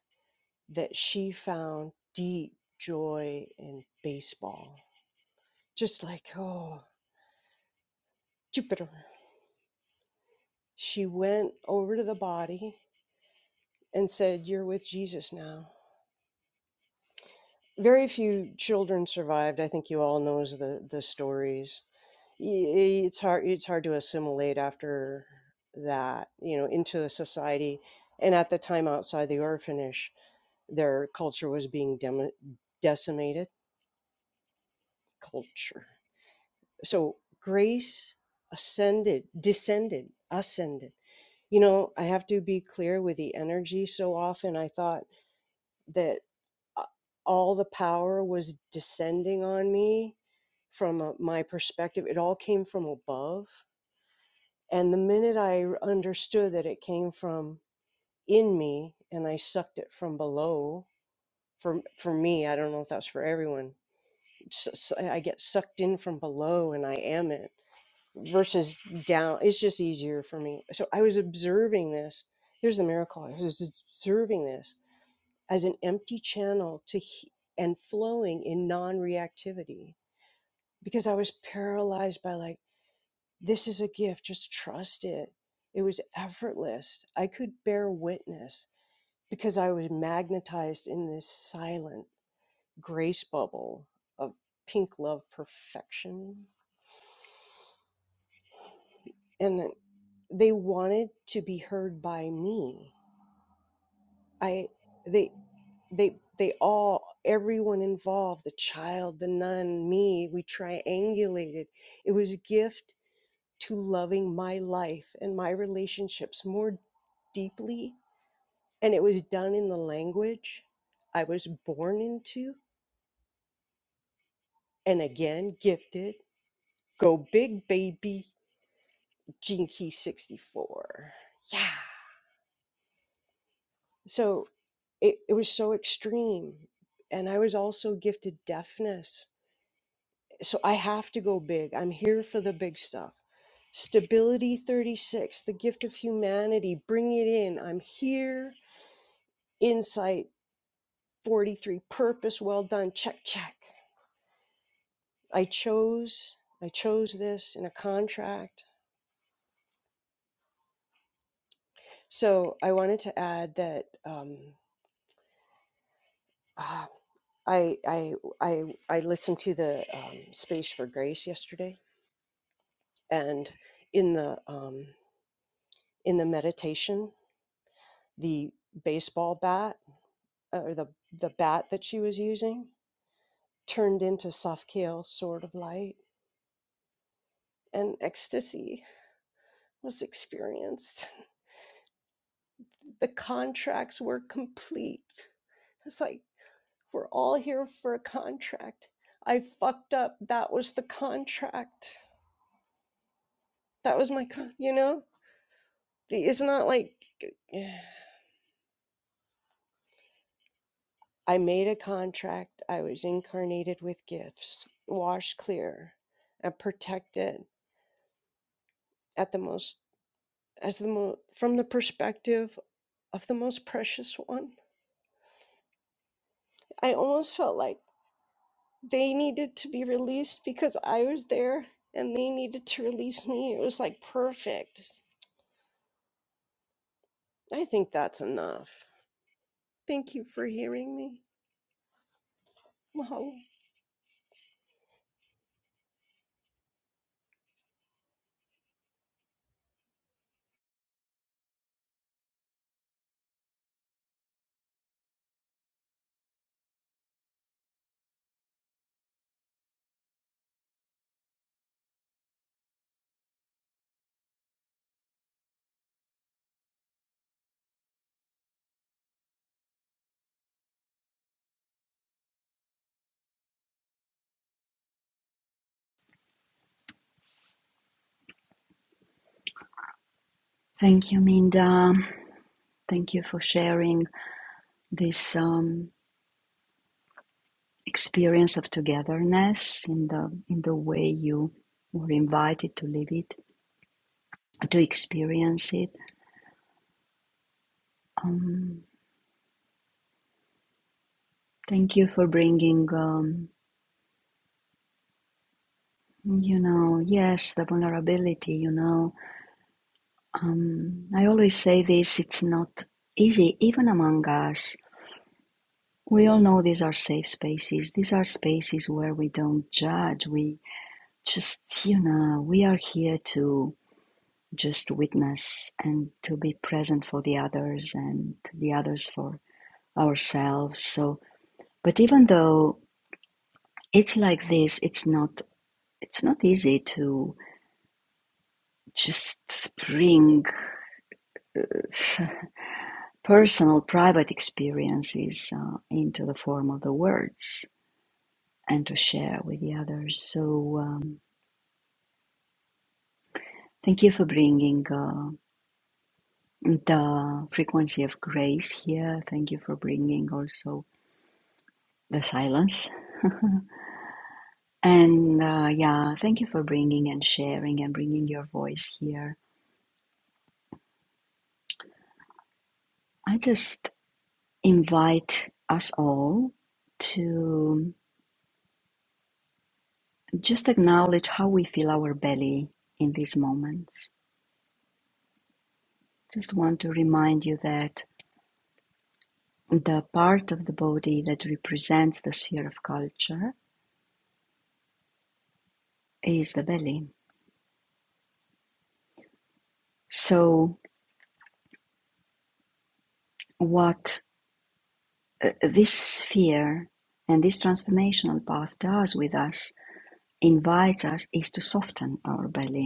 [SPEAKER 3] that she found deep joy in baseball. Just like oh, Jupiter. She went over to the body and said, "You're with Jesus now." very few children survived. I think you all knows the the stories. Y- It's hard it's hard to assimilate after that, you know, into the society. And at the time outside the orphanage, their culture was being dem- decimated. Culture. So grace ascended, descended, ascended. You know, I have to be clear with the energy. So often I thought that uh, all the power was descending on me from uh my perspective. It all came from above. And the minute I understood that it came from in me and I sucked it from below, for, for me, I don't know if that's for everyone, so, so I get sucked in from below and I am it versus down. It's just easier for me. So I was observing this. Here's the miracle I was observing this as an empty channel to he- and flowing in non-reactivity because i was paralyzed by like this is a gift just trust it it was effortless i could bear witness because i was magnetized in this silent grace bubble of pink love perfection and they wanted to be heard by me i they they they all everyone involved the child the nun me we triangulated it was a gift to loving my life and my relationships more deeply and it was done in the language i was born into and again gifted go big baby Gene Key 64 yeah so it, it was so extreme and i was also gifted deafness So I have to go big. I'm here for the big stuff. Stability 36, the gift of humanity, bring it in. I'm here. Insight 43, purpose, well done. Check, check. I chose, I chose this in a contract. So I wanted to add that um, ah, I, I, I, I listened to the um, Space for Grace yesterday, and in the um, in the meditation, the baseball bat uh, or the the bat that she was using turned into Safkiel's sword of light, and ecstasy was experienced. The contracts were complete. It's like we're all here for a contract. I fucked up. That was the contract. That was my con. You know, it's not like I made a contract. I was incarnated with gifts, washed clear, and protected at the most as the mo- from the perspective of the most precious one. I almost felt like they needed to be released because I was there and they needed to release me. It was like perfect. I think that's enough. Thank you for hearing me. Mahalo.
[SPEAKER 2] Thank you, Minda. Thank you for sharing this. Um, experience of togetherness in the in the way you were invited to live it to experience it um, thank you for bringing um, you know yes the vulnerability you know um, i always say this it's not easy even among us we all know these are safe spaces these are spaces where we don't judge we just you know we are here to just to witness and to be present for the others and the others for ourselves so but even though it's like this it's not it's not easy to just spring personal private experiences uh, into the form of the words and to share with the others so um, thank you for bringing uh, the frequency of grace here thank you for bringing also the silence And uh, yeah, thank you for bringing and sharing and bringing your voice here. I just invite us all to just acknowledge how we feel our belly in these moments. Just want to remind you that the part of the body that represents the sphere of culture is the belly. So, what uh, this sphere and this transformational path does with us, invites us, is to soften our belly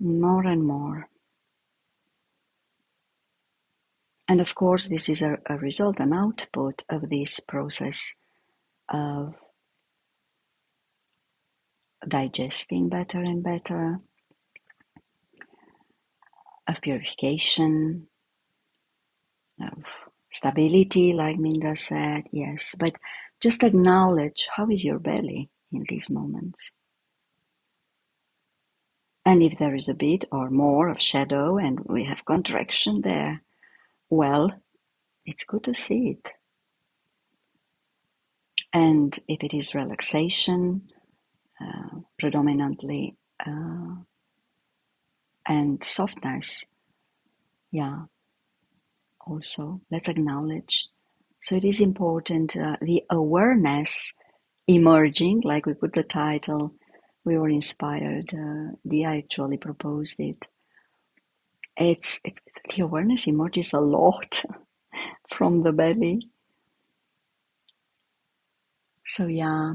[SPEAKER 2] More and more. And of course, this is a, a result, an output of this process of digesting better and better, of purification, of stability, like Minda said, yes. But just acknowledge how is your belly in these moments. And if there is a bit or more of shadow and we have contraction there, well, it's good to see it. And if it is relaxation, uh, predominantly. Uh, and softness. Yeah, also let's acknowledge. So it is important uh, the awareness emerging, like we put the title. We were inspired. Uh, Dia actually proposed it. It's it, the awareness emerges a lot from the belly. So yeah,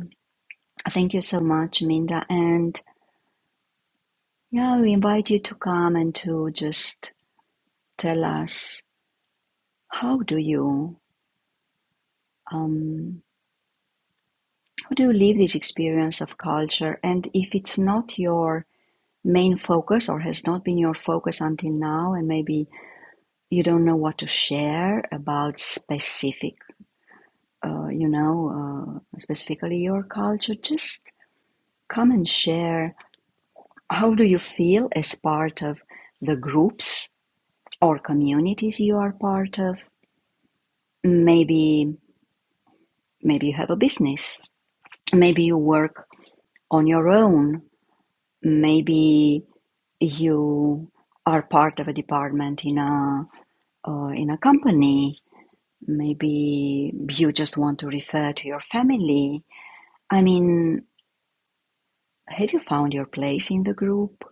[SPEAKER 2] thank you so much, Minda, and yeah, we invite you to come and to just tell us how do you um, How do you live this experience of culture? And if it's not your main focus or has not been your focus until now, and maybe you don't know what to share about specific, uh, you know, uh, specifically your culture, just come and share. How do you feel as part of the groups or communities you are part of? Maybe, maybe you have a business. Maybe you work on your own. Maybe you are part of a department in a uh, in a company maybe you just want to refer to your family i mean have you found your place in the group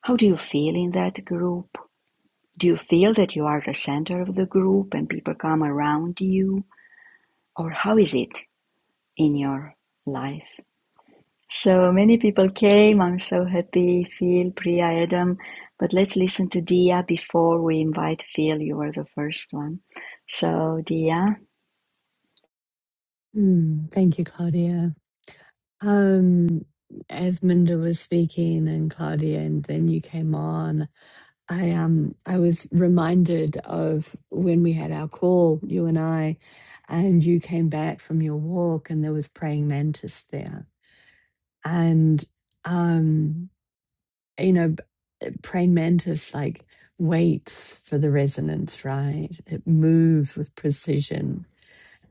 [SPEAKER 2] how do you feel in that group do you feel that you are the center of the group and people come around you or how is it in your life So many people came. I'm so happy, Phil, Priya, Adam. But let's listen to Dia before we invite Phil. You were the first one. So, Dia,
[SPEAKER 1] Mm, thank you, Claudia. Um, as Minda was speaking and Claudia, and then you came on, I um I was reminded of when we had our call, you and I, and you came back from your walk, and there was praying mantis there, and. um. you know, b- uh, praying mantis like waits for the resonance, right? It moves with precision.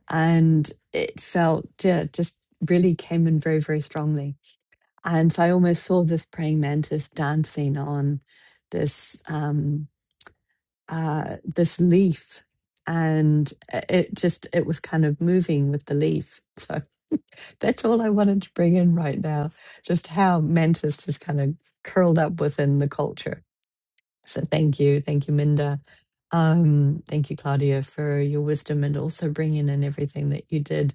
[SPEAKER 1] And it felt, yeah, it just really came in very, very strongly. And so I almost saw this praying mantis dancing on this um uh this leaf and i- it just it was kind of moving with the leaf so that's all i wanted to bring in right now just how mantis just kind of curled up within the culture so thank you. Thank you, Minda. Um, thank you, Claudia, for your wisdom and also bringing in everything that you did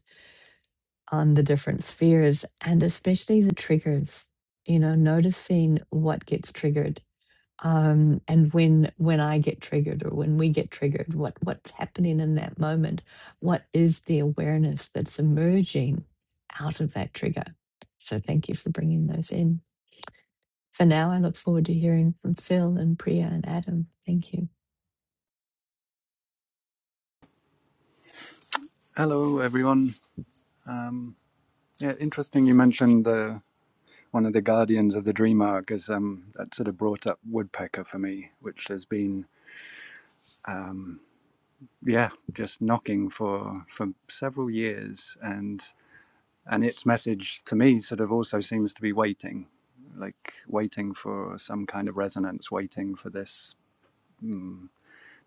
[SPEAKER 1] on the different spheres and especially the triggers, you know, noticing what gets triggered. Um, and when when I get triggered or when we get triggered, what what's happening in that moment? What is the awareness that's emerging out of that trigger? So thank you for bringing those in. For now, I look forward to hearing from Phil and Priya and Adam. Thank you.
[SPEAKER 4] Hello, everyone. Um, yeah, interesting. You mentioned the one of the guardians of the dream arc is um, that sort of brought up woodpecker for me, which has been yeah just knocking for for several years, and and its message to me sort of also seems to be waiting, like waiting for some kind of resonance, waiting for this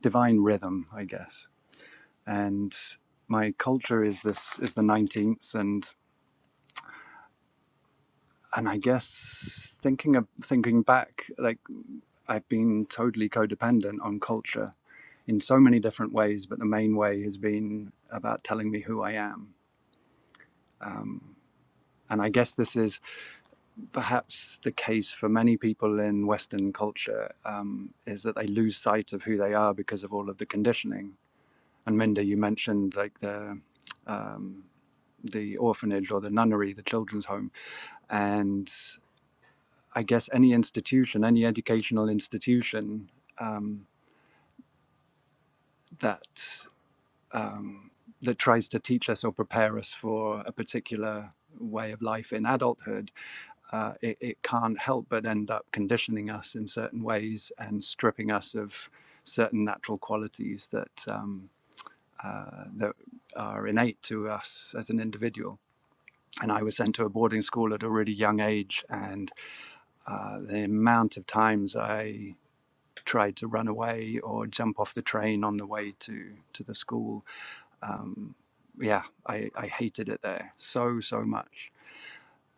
[SPEAKER 4] divine rhythm, I guess. And my culture is this is the nineteenth, and and I guess thinking of thinking back, like I've been totally codependent on culture in so many different ways, but the main way has been about telling me who I am. Um, and I guess this is perhaps the case for many people in Western culture um, is that they lose sight of who they are because of all of the conditioning. And Minda, you mentioned like the um, the orphanage or the nunnery, the children's home, and I guess any institution, any educational institution um, that um, that tries to teach us or prepare us for a particular way of life in adulthood, uh, it, it can't help but end up conditioning us in certain ways and stripping us of certain natural qualities that um, uh, that are innate to us as an individual. And I was sent to a boarding school at a really young age, and uh, the amount of times I tried to run away or jump off the train on the way to to the school um, yeah, I, I hated it there so, so much.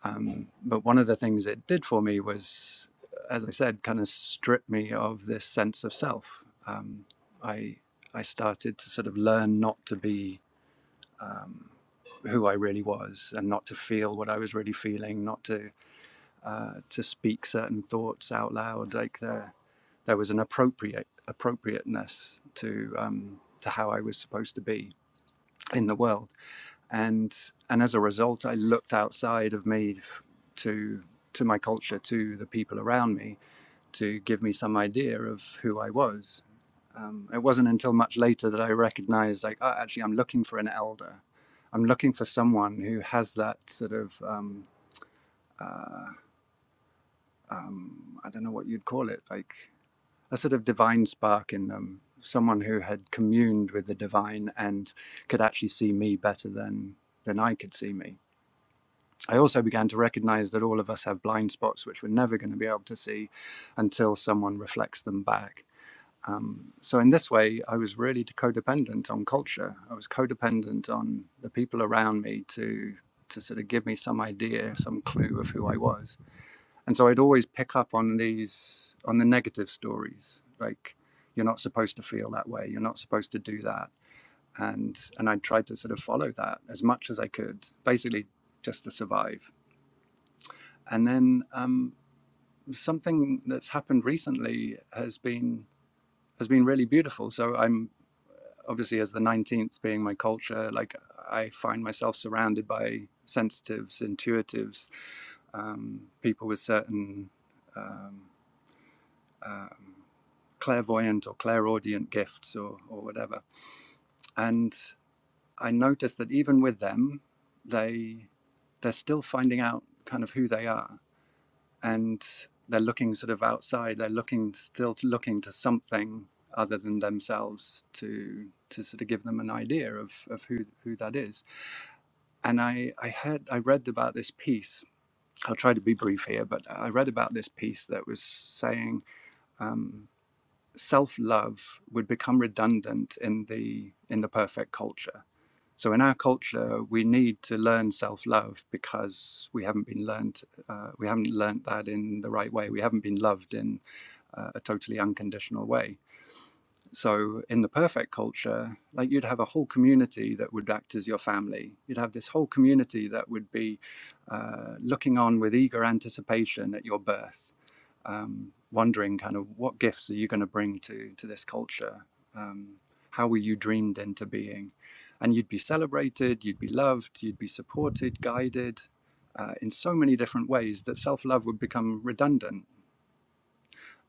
[SPEAKER 4] Um, but one of the things it did for me was, as I said, kind of strip me of this sense of self. Um, I, I started to sort of learn not to be um, who I really was and not to feel what I was really feeling, not to, uh, to speak certain thoughts out loud. Like there, there was an appropriate appropriateness to, um, to how I was supposed to be in the world and and as a result, I looked outside of me f- to to my culture, to the people around me, to give me some idea of who I was. Um, it wasn't until much later that I recognized, like, oh, actually, I'm looking for an elder. I'm looking for someone who has that sort of, um, uh, um, I don't know what you'd call it, like a sort of divine spark in them. Someone who had communed with the divine and could actually see me better than than I could see me I also began to recognize that all of us have blind spots which we're never going to be able to see until someone reflects them back. Um, so, in this way, I was really codependent on culture. I was codependent on the people around me to, to sort of give me some idea, some clue of who I was. And so, I'd always pick up on these, on the negative stories, like, you're not supposed to feel that way, you're not supposed to do that. And, and I tried to sort of follow that as much as I could, basically just to survive. And then um, something that's happened recently has been has been really beautiful. So I'm obviously as the 19th being my culture, like I find myself surrounded by sensitives, intuitives, um, people with certain um, um, clairvoyant or clairaudient gifts or, or whatever. And I noticed that even with them, they they're still finding out kind of who they are and they're looking sort of outside. They're looking still to, looking to something other than themselves to to sort of give them an idea of, of who who that is. And I I heard I read about this piece. I'll try to be brief here, but I read about this piece that was saying self-love would become redundant in the in the perfect culture. So in our culture, we need to learn self-love because we haven't been learned uh, we haven't learned that in the right way. We haven't been loved in uh, a totally unconditional way. So, in the perfect culture, like you'd have a whole community that would act as your family. You'd have this whole community that would be uh, looking on with eager anticipation at your birth um, wondering kind of what gifts are you going to bring to to this culture? Um, how were you dreamed into being? And you'd be celebrated, you'd be loved, you'd be supported, guided uh, in so many different ways that self love would become redundant.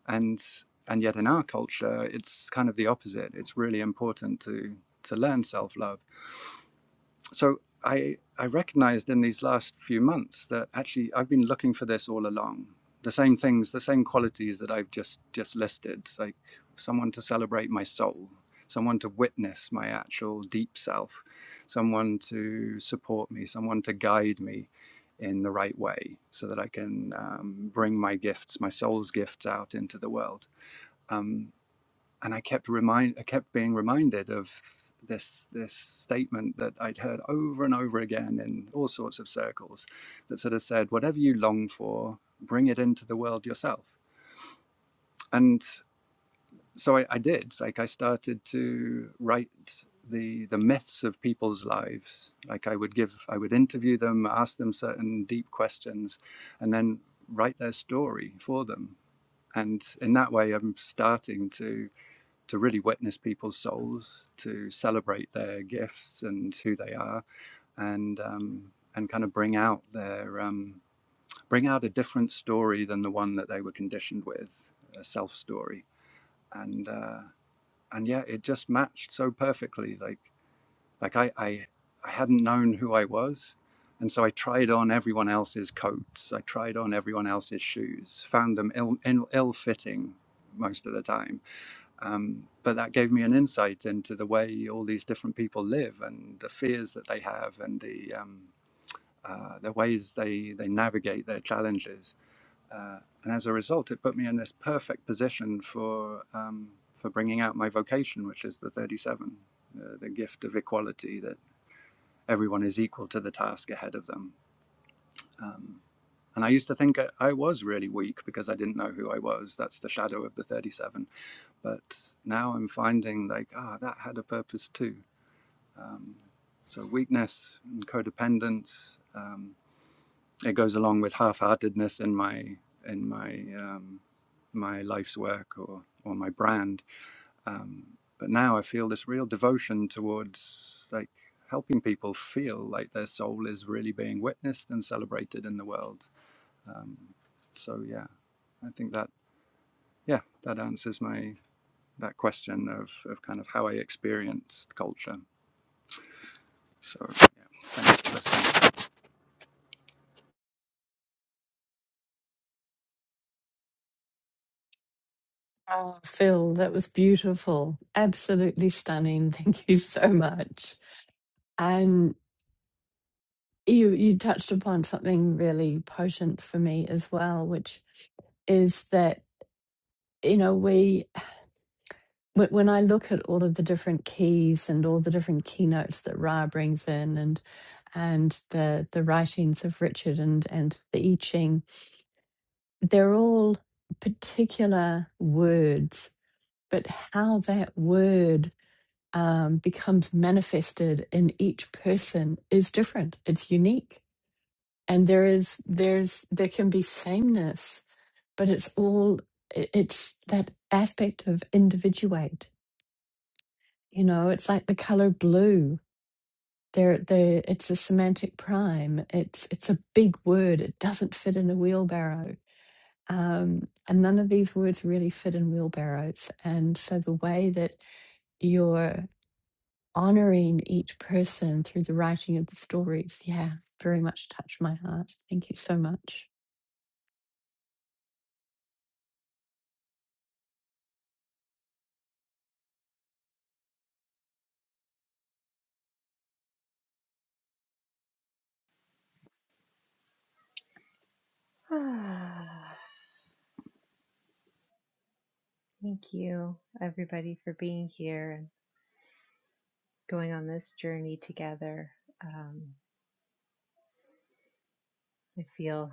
[SPEAKER 4] And and yet in our culture, it's kind of the opposite. It's really important to to learn self love so I I recognized in these last few months that actually I've been looking for this all along. The same things, the same qualities that I've just just listed, like someone to celebrate my soul, someone to witness my actual deep self, someone to support me, someone to guide me in the right way, so that I can um, bring my gifts, my soul's gifts, out into the world. Um, and I kept remind I kept being reminded of this this statement that I'd heard over and over again in all sorts of circles that sort of said, whatever you long for, bring it into the world yourself. And so I, I did. Like I started to write the the myths of people's lives. Like I would give I would interview them, ask them certain deep questions, and then write their story for them. And in that way I'm starting to to really witness people's souls, to celebrate their gifts and who they are, and um, and kind of bring out their um, bring out a different story than the one that they were conditioned with, a self story, and uh, and yeah, it just matched so perfectly. Like like I, I I hadn't known who I was, and so I tried on everyone else's coats, I tried on everyone else's shoes, found them ill ill, ill fitting most of the time um, but that gave me an insight into the way all these different people live and the fears that they have and the um, uh, the ways they they navigate their challenges. Uh, and as a result, it put me in this perfect position for um, for bringing out my vocation, which is the 37, uh, the gift of equality that everyone is equal to the task ahead of them. Um, and I used to think I I was really weak because I didn't know who I was. That's the shadow of the 37 but now I'm finding like, ah, oh, that had a purpose too. Um, so weakness and codependence, um, it goes along with half-heartedness in my in my um, my life's work or or my brand. Um, but now I feel this real devotion towards like helping people feel like their soul is really being witnessed and celebrated in the world. So yeah, I think that yeah that answers my that question of of kind of how I experienced culture. So yeah, thanks for listening.
[SPEAKER 1] Oh, Phil, that was beautiful. Absolutely stunning. Thank you so much. And you you touched upon something really potent for me as well, which is that, you know, we wh- when I look at all of the different keys and all the different keynotes that Ra brings in and and the the writings of Richard and and the I Ching, they're all particular words, but how that word um, becomes manifested in each person is different. It's unique, and there is there's there can be sameness, but it's all i- it's that aspect of individuate. You know, it's like the color blue. There, there. It's a semantic prime. It's it's a big word. It doesn't fit in a wheelbarrow. Um, and none of these words really fit in wheelbarrows. And so the way that your honoring each person through the writing of the stories, yeah, very much touched my heart. Thank you so much.
[SPEAKER 5] Ah, Thank you, everybody, for being here and going on this journey together. Um, I feel,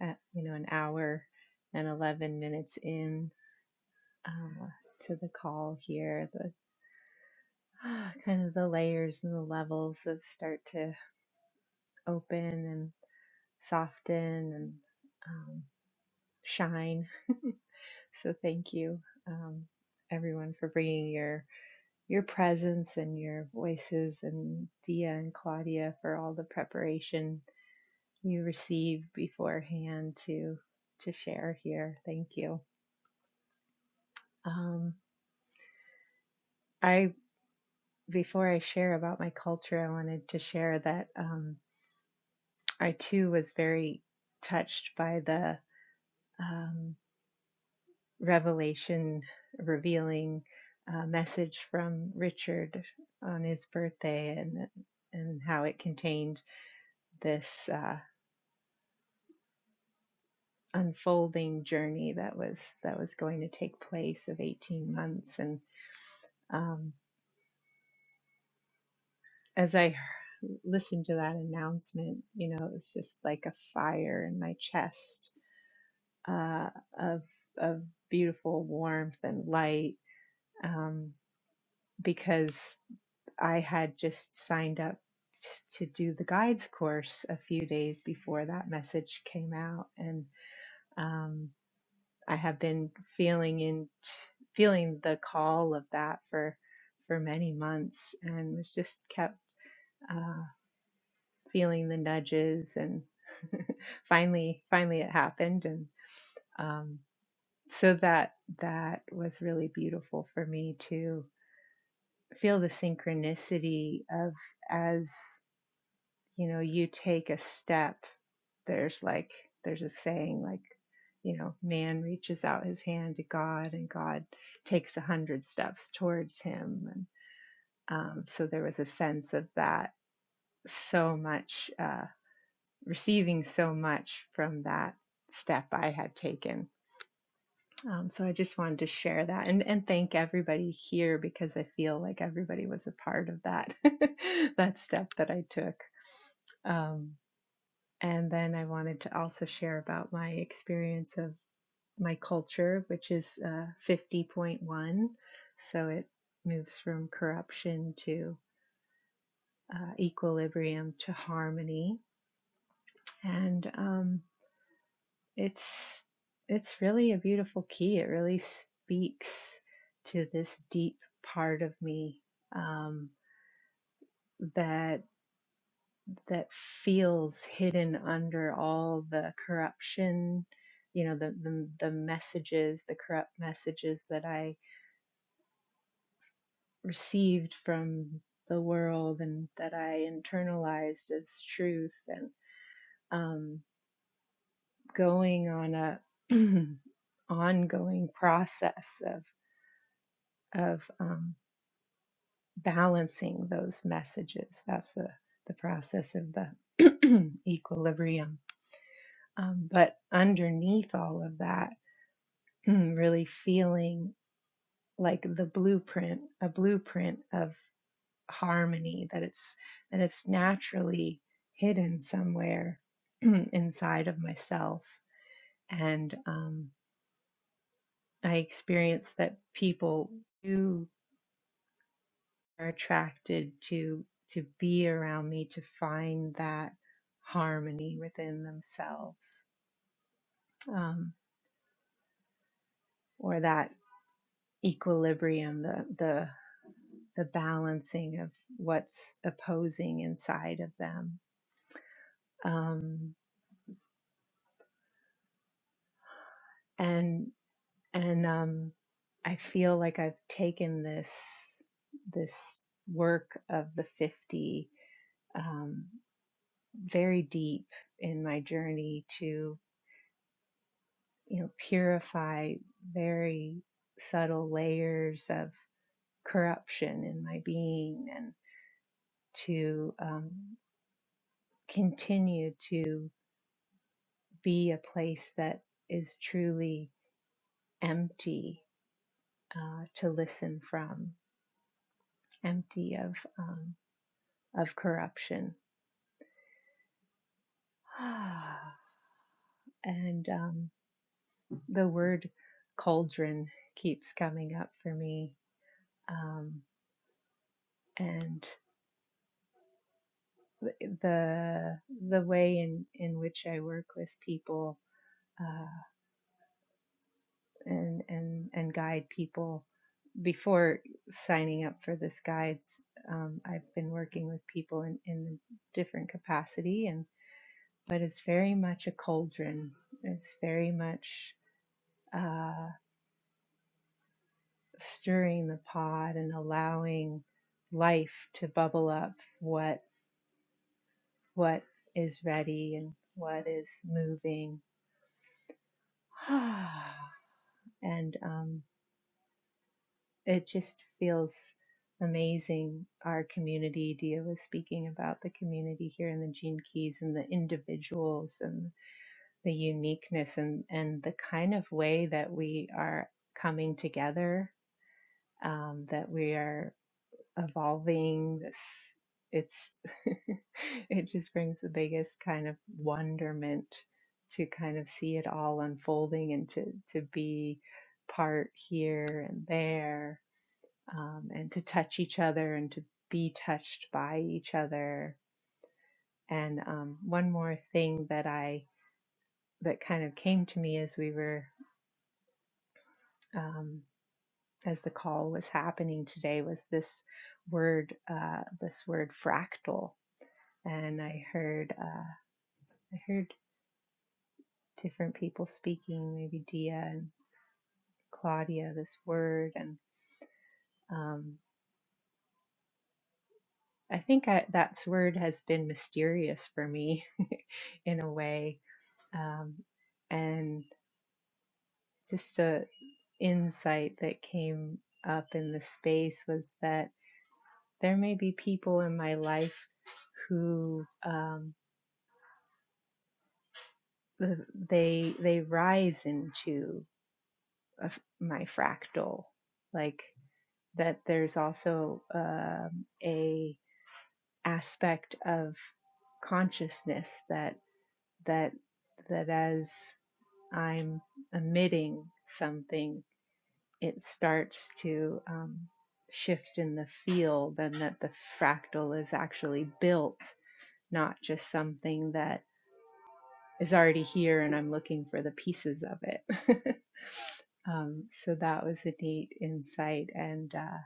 [SPEAKER 5] at, you know, an hour and 11 minutes in uh, to the call here, the ah, kind of the layers and the levels that start to open and soften and um, shine. So thank you, um, everyone, for bringing your your presence and your voices and Dia and Claudia for all the preparation you received beforehand to to share here. Thank you. Um, I before I share about my culture, I wanted to share that um, I too was very touched by the um, revelation revealing uh, message from Richard on his birthday and and how it contained this. uh, unfolding journey that was that was going to take place of 18 months and um, as I listened to that announcement you know it was just like a fire in my chest uh, of of beautiful warmth and light um, because i had just signed up t- to do the guides course a few days before that message came out and um, I have been feeling in feeling the call of that for for many months, and was just kept uh, feeling the nudges, and finally, finally, it happened, and um, so that that was really beautiful for me to feel the synchronicity of as you know you take a step there's like there's a saying like you know man reaches out his hand to god and god takes a hundred steps towards him and um, so there was a sense of that so much uh, receiving so much from that step i had taken um, so i just wanted to share that and, and thank everybody here because i feel like everybody was a part of that that step that i took um, and then I wanted to also share about my experience of my culture, which is uh, 50.1. So it moves from corruption to uh, equilibrium to harmony, and um, it's it's really a beautiful key. It really speaks to this deep part of me um, that that feels hidden under all the corruption. You know the, the the messages, the corrupt messages that I received from the world and that I internalized as truth and um, going on a ongoing process of of um, balancing those messages. That's the the process of the equilibrium. Um, but underneath all of that, really feeling like the blueprint, a blueprint of harmony that it's that it's naturally hidden somewhere inside of myself and um, i experience that people do are attracted to to be around me to find that harmony within themselves um, or that equilibrium the the the balancing of what's opposing inside of them um, and and um, I feel like I've taken this this work of the 50 um, very deep in my journey to you know purify very subtle layers of corruption in my being and to um, continue to be a place that is truly empty uh, to listen from empty of um, of corruption and um, the word cauldron keeps coming up for me um, and the the way in in which I work with people uh, and and and guide people before signing up for this guides um, I've been working with people in in different capacity and but it's very much a cauldron it's very much uh, stirring the pot and allowing life to bubble up what what is ready and what is moving and um, it just feels amazing our community dia was speaking about the community here in the gene keys and the individuals and the uniqueness and, and the kind of way that we are coming together um, that we are evolving this it's it just brings the biggest kind of wonderment to kind of see it all unfolding and to to be part here and there um, and to touch each other and to be touched by each other and um, one more thing that i that kind of came to me as we were um, as the call was happening today was this word uh, this word fractal and I heard uh, I heard different people speaking, maybe Dia and Claudia, this word, and um, I think I, that word has been mysterious for me in a way, um, and just a insight that came up in the space was that there may be people in my life who um, th- they they rise into a f my fractal like that there's also um, a aspect of consciousness that that that as I'm emitting something, it starts to um, shift in the field, and that the fractal is actually built, not just something that is already here and I'm looking for the pieces of it. um, so that was a neat insight, and uh,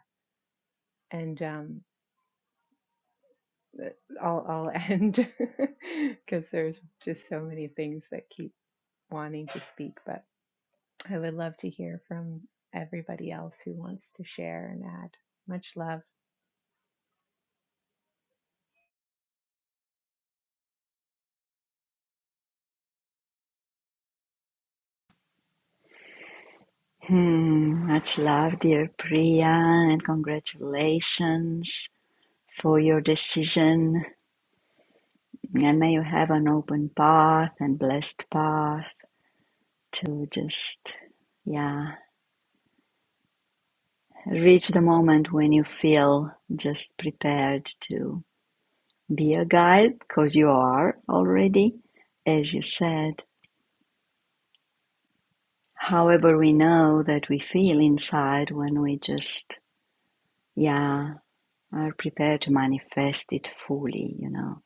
[SPEAKER 5] and um, I'll I'll end because there's just so many things that keep wanting to speak, but I would love to hear from everybody else who wants to share and add. Much love.
[SPEAKER 2] hmm, much love, dear Priya, and congratulations for your decision. And may you have an open path and blessed path to just, yeah, reach the moment when you feel just prepared to Be a guide, because you are, already, as you said. However, we know that we feel inside when we just, yeah, are prepared to manifest it fully, you know,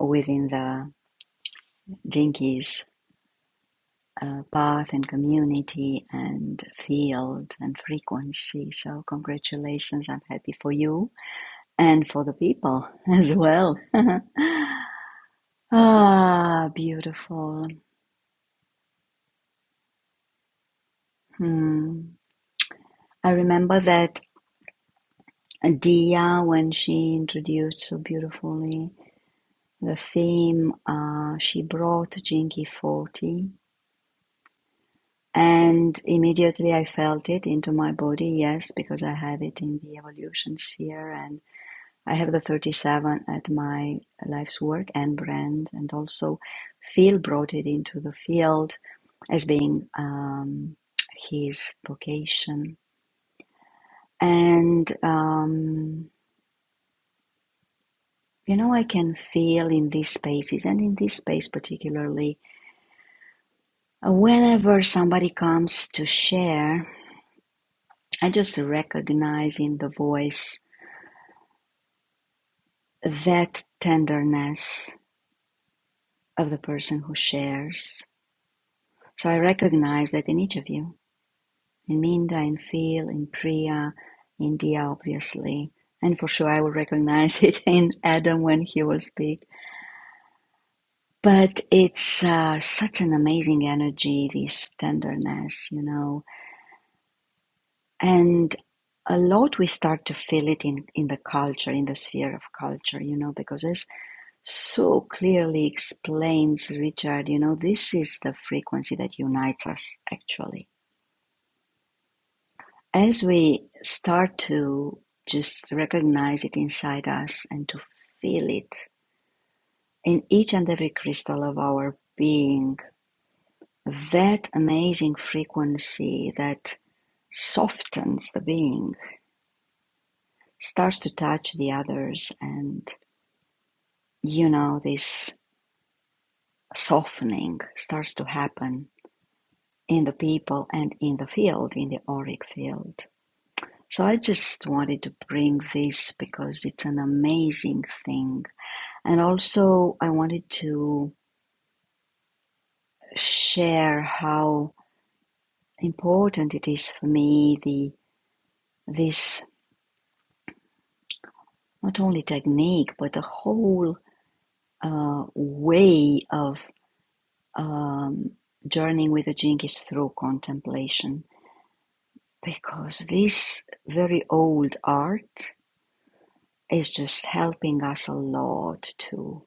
[SPEAKER 2] within the Jinkies uh, path and community and field and frequency. So, congratulations. I'm happy for you and for the people as well. ah, beautiful. Hmm. I remember that And Dia, when she introduced so beautifully the theme, uh, she brought Jinki 40. And immediately I felt it into my body, yes, because I have it in the evolution sphere and I have the 37 at my life's work and brand. And also, Phil brought it into the field as being um, his vocation. And um, You know, I can feel in these spaces and in this space particularly, uh, whenever somebody comes to share, I just recognize in the voice that tenderness of the person who shares. So I recognize that in each of you, in Minda, in Phil, in Priya, in Dia, obviously, and for sure I will recognize it in Adam when he will speak. But it's uh, such an amazing energy, this tenderness, you know and a lot we start to feel it in in the culture in the sphere of culture you know because as so clearly explains richard you know this is the frequency that unites us actually as we start to just recognize it inside us and to feel it in each and every crystal of our being that amazing frequency that softens the being starts to touch the others and. you know, this softening starts to happen in the people and in the field, in the auric field. So I just wanted to bring this because it's an amazing thing. And also, I wanted to share how important it is for me the this not only technique but the whole uh, way of um, journeying with the jinkies through contemplation Because this very old art is just helping us a lot to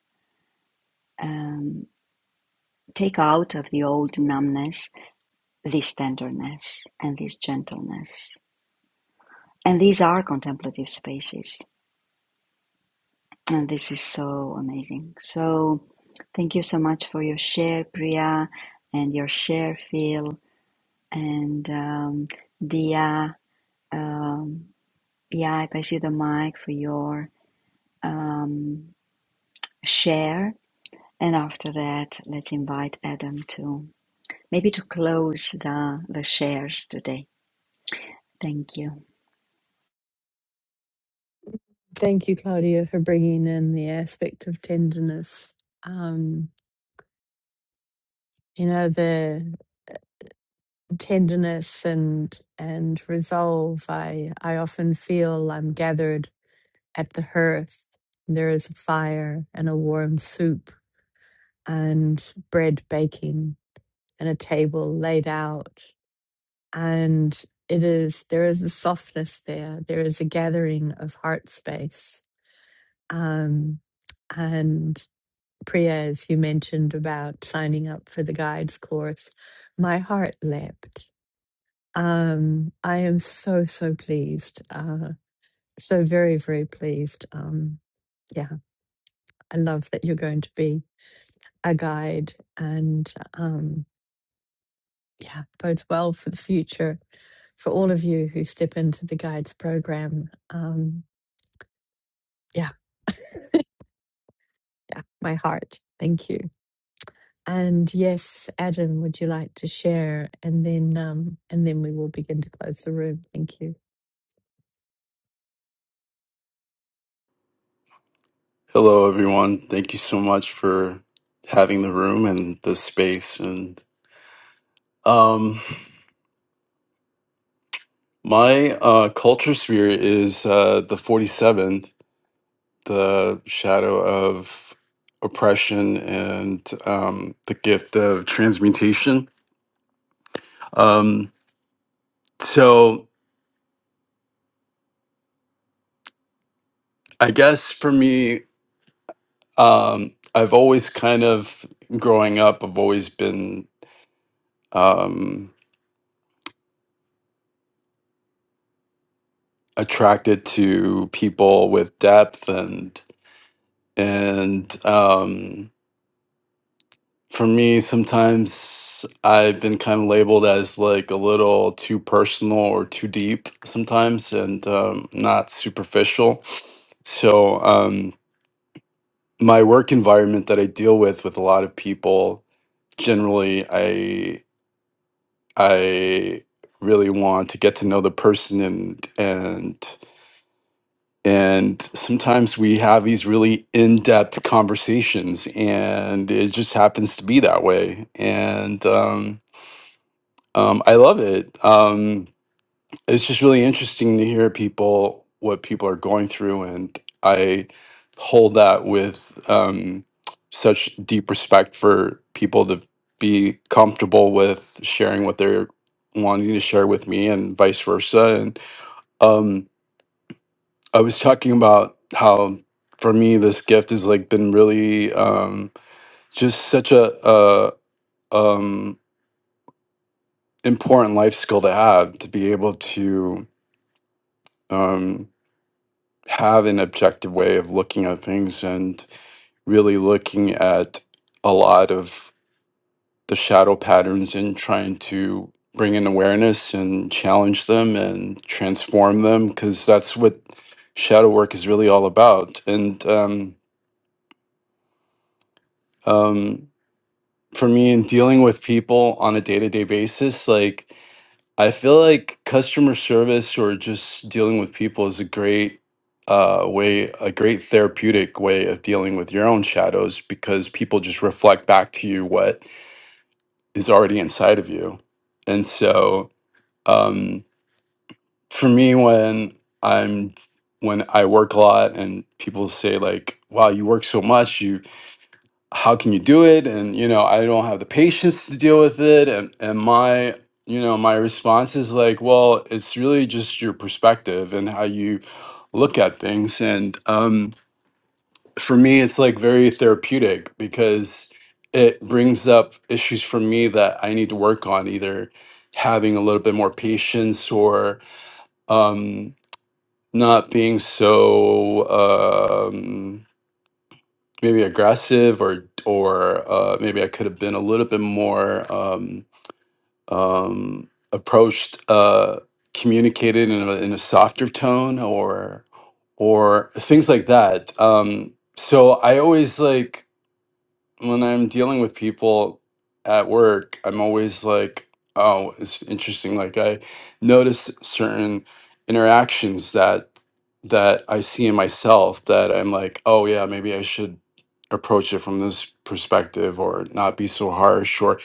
[SPEAKER 2] um, take out of the old numbness this tenderness and this gentleness. And these are contemplative spaces. And this is so amazing. So thank you so much for your share, Priya, and your share, Phil, and um, Dia. Um, yeah, I pass you the mic for your um, share And after that, let's invite Adam to maybe to close the, the shares today. Thank you.
[SPEAKER 1] Thank you, Claudia, for bringing in the aspect of tenderness. Um, you know, the tenderness and and resolve. I I often feel I'm gathered at the hearth. There is a fire and a warm soup and bread baking and a table laid out and it is there is a softness there there is a gathering of heart space um, and priya as you mentioned about signing up for the guides course my heart leapt um, i am so so pleased uh, so very very pleased um, yeah i love that you're going to be a guide and um, yeah bodes well for the future for all of you who step into the guides program Um, Yeah. Yeah, my heart. Thank you. And yes, Adam, would you like to share? And then um, and then we will begin to close the room. Thank you.
[SPEAKER 6] Hello, everyone. Thank you so much for having the room and the space. And um, my uh, culture sphere is uh, the 47th, the shadow of oppression and um, the gift of transmutation. Um, so, I guess for me, um, I've always kind of, growing up, I've always been um, attracted to people with depth and. And um, for me, sometimes I've been kind of labeled as like a little too personal or too deep sometimes and um, not superficial. So, um, my work environment that I deal with with a lot of people, generally, I I really want to get to know the person and and And sometimes we have these really in depth conversations, and it just happens to be that way. And um, um, I love it. Um, it's just really interesting to hear people, what people are going through. And I hold that with um, such deep respect for people to be comfortable with sharing what they're wanting to share with me, and vice versa. And um, I was talking about how for me this gift has like been really um just such a uh um important life skill to have to be able to um have an objective way of looking at things and really looking at a lot of the shadow patterns and trying to bring in awareness and challenge them and transform them because that's what shadow work is really all about and um um, for me in dealing with people on a day-to-day basis like i feel like customer service or just dealing with people is a great uh, way a great therapeutic way of dealing with your own shadows because people just reflect back to you what is already inside of you and so um, for me when i'm when i work a lot and people say like wow you work so much you how can you do it and you know i don't have the patience to deal with it and and my you know my response is like well it's really just your perspective and how you look at things and um for me it's like very therapeutic because it brings up issues for me that i need to work on either having a little bit more patience or um not being so Um, maybe aggressive or or uh, maybe I could have been a little bit more um, um, approached uh, communicated in a, in a softer tone or or things like that. Um, so I always like when I'm dealing with people at work, I'm always like, oh, it's interesting. Like I notice certain interactions that that I see in myself that I'm like, oh yeah, maybe I should approach it from this perspective or not be so harsh or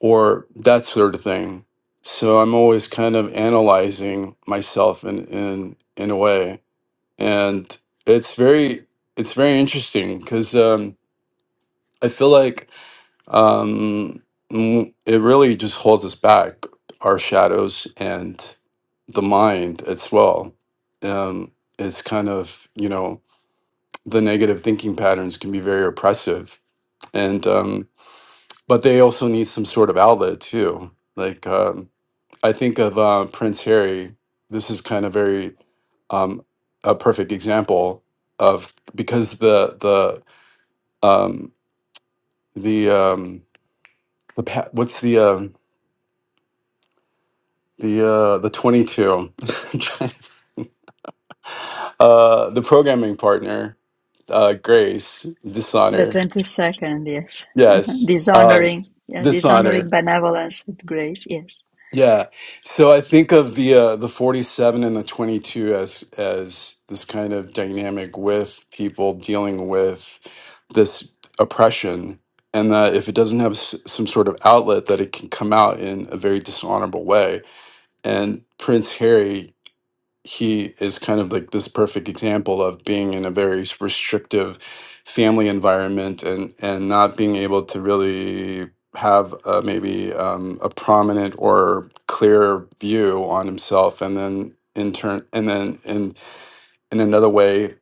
[SPEAKER 6] or that sort of thing. So I'm always kind of analyzing myself in in in a way. And it's very it's very interesting because um I feel like um, mm, it really just holds us back, our shadows and the mind as well. Um, it's kind of, you know, the negative thinking patterns can be very oppressive. And, um, but they also need some sort of outlet too. Like, um, I think of uh, Prince Harry. This is kind of very um, a perfect example of because the the um, the um, the pa- what's the um the uh, the 22 uh, the programming partner uh, grace
[SPEAKER 2] The
[SPEAKER 6] dishonor
[SPEAKER 2] 22nd, yes.
[SPEAKER 6] yes uh,
[SPEAKER 2] dishonoring, yeah,
[SPEAKER 6] dishonor
[SPEAKER 2] dishonoring benevolence with grace, yes.
[SPEAKER 6] yeah so i think of the uh, the 47 and the 22 as as this kind of dynamic with people dealing with this oppression and that if it doesn't have s- some sort of outlet that it can come out in a very dishonorable way and prince harry he is kind of like this perfect example of being in a very s- restrictive family environment and and not being able to really have a, maybe um, a prominent or clear view on himself and then in turn and then in in another way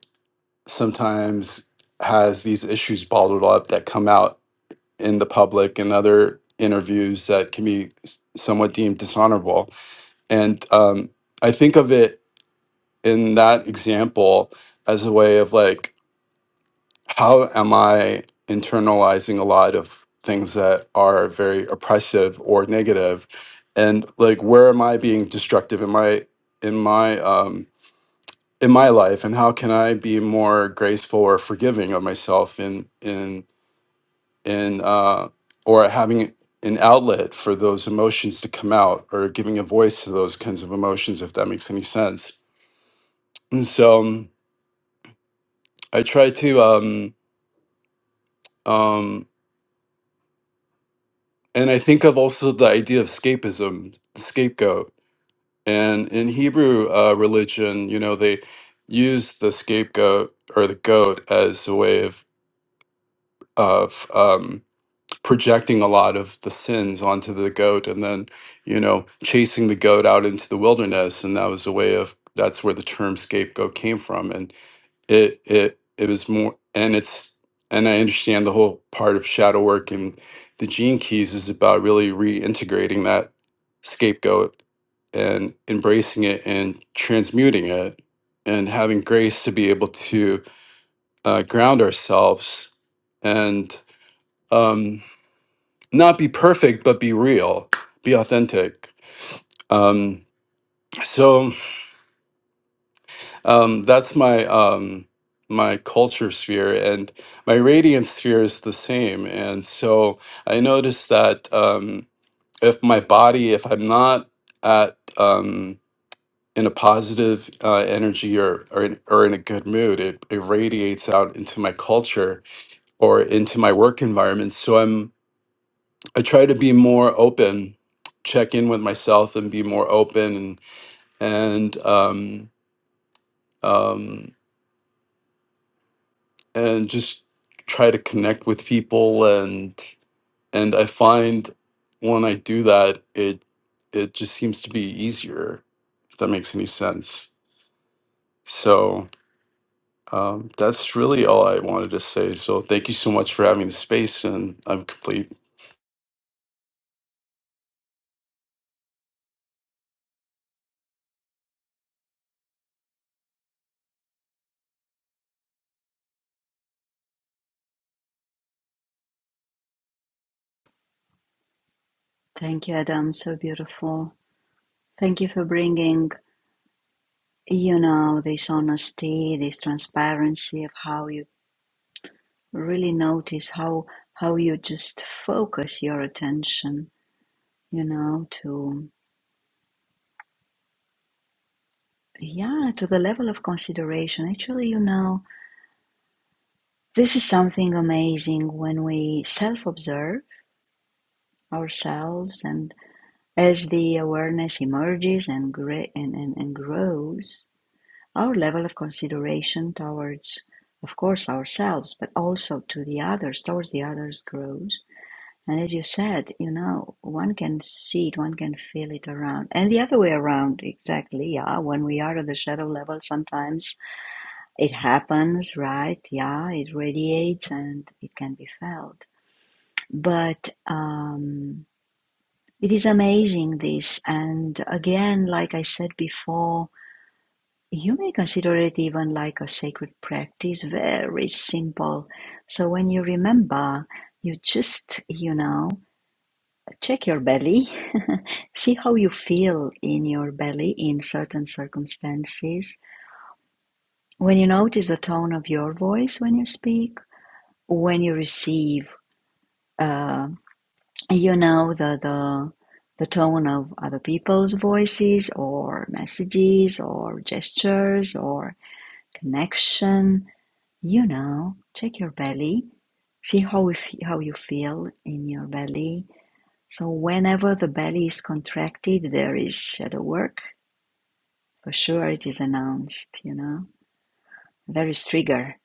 [SPEAKER 6] sometimes has these issues bottled up that come out in the public and other interviews that can be s- somewhat deemed dishonorable and um, i think of it in that example as a way of like how am i internalizing a lot of things that are very oppressive or negative and like where am i being destructive in my in my um in my life and how can i be more graceful or forgiving of myself in in in uh or having an outlet for those emotions to come out or giving a voice to those kinds of emotions if that makes any sense and so um, i try to um Um, and I think of also the idea of escapism, the scapegoat. And in Hebrew uh, religion, you know, they use the scapegoat or the goat as a way of of um, projecting a lot of the sins onto the goat, and then you know chasing the goat out into the wilderness, and that was a way of that's where the term scapegoat came from. and. it it it was more and it's and i understand the whole part of shadow work and the gene keys is about really reintegrating that scapegoat and embracing it and transmuting it and having grace to be able to uh, ground ourselves and um, not be perfect but be real be authentic um, so Um, that's my um, my culture sphere, and my radiant sphere is the same. And so I noticed that um, if my body, if I'm not at um, in a positive uh, energy or or in, or in a good mood, it, it radiates out into my culture or into my work environment. So I'm I try to be more open, check in with myself, and be more open and and um, um, and just try to connect with people and and I find when I do that it it just seems to be easier if that makes any sense. So um, that's really all I wanted to say. So thank you so much for having the space and I'm complete.
[SPEAKER 2] Thank you, Adam. So beautiful. Thank you for bringing, you know, this honesty, this transparency of how you really notice how how you just focus your attention, you know, to yeah, to the level of consideration. Actually, you know, This is something amazing when we self-observe ourselves and as the awareness emerges and, gra- and, and, and grows, our level of consideration towards, of course, ourselves, but also to the others, towards the others grows. And as you said, you know, one can see it, one can feel it around. And the other way around, exactly, yeah. When we are at the shadow level, sometimes it happens, right? Yeah, it radiates and it can be felt. but um, it is amazing this and again like i said before you may consider it even like a sacred practice very simple so when you remember you just you know check your belly see how you feel in your belly in certain circumstances when you notice the tone of your voice when you speak when you receive uh, you know the the the tone of other people's voices or messages or gestures or connection you know check your belly see how if, how you feel in your belly so whenever the belly is contracted there is shadow work for sure it is announced you know there is trigger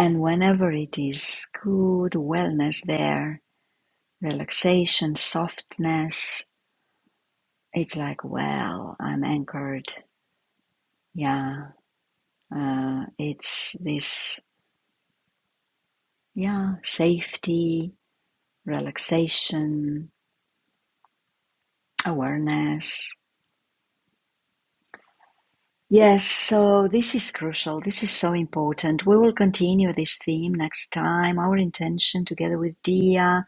[SPEAKER 2] and whenever it is good wellness there relaxation softness it's like, well, I'm anchored. Yeah. Uh, it's this, yeah, safety, relaxation, awareness. Yes, so this is crucial. This is so important. We will continue this theme next time. Our intention together with Dia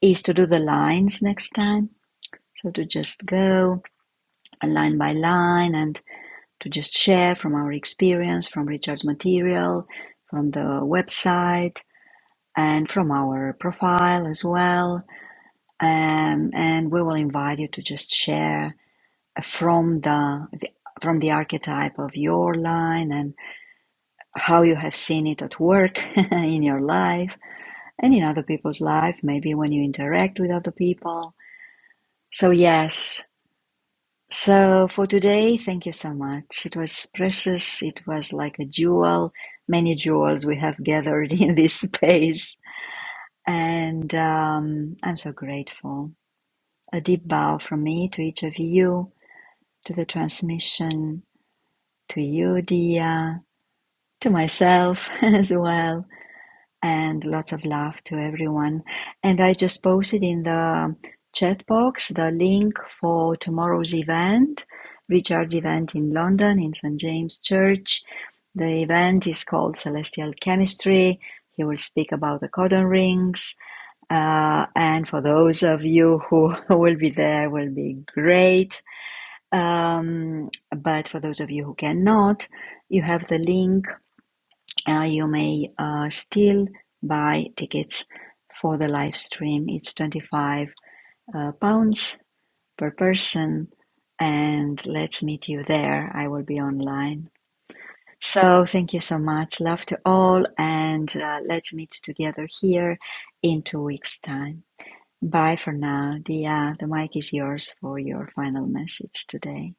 [SPEAKER 2] is to do the lines next time. So to just go line by line and to just share from our experience, from Richard's material, from the website and from our profile as well. Um, and we will invite you to just share from the, the from the archetype of your line and how you have seen it at work in your life and in other people's life, maybe when you interact with other people. So yes. So for today, thank you so much. It was precious. It was like a jewel, many jewels we have gathered in this space. And um, I'm so grateful. A deep bow from me to each of you, to the transmission, to you, Dia, to myself as well, and lots of love to everyone. And I just posted in the chat box the link for tomorrow's event, Richard's event in London, in St. James Church. The event is called Celestial Chemistry. He will speak about the codon rings. Uh, and for those of you who will be there, will be great. Um, but for those of you who cannot, you have the link. Uh, you may uh, still buy tickets for the live stream. It's 25 uh, pounds per person, and let's meet you there. I will be online. So, thank you so much. Love to all, and uh, let's meet together here in two weeks' time. Bye for now. Dia, the mic is yours for your final message today.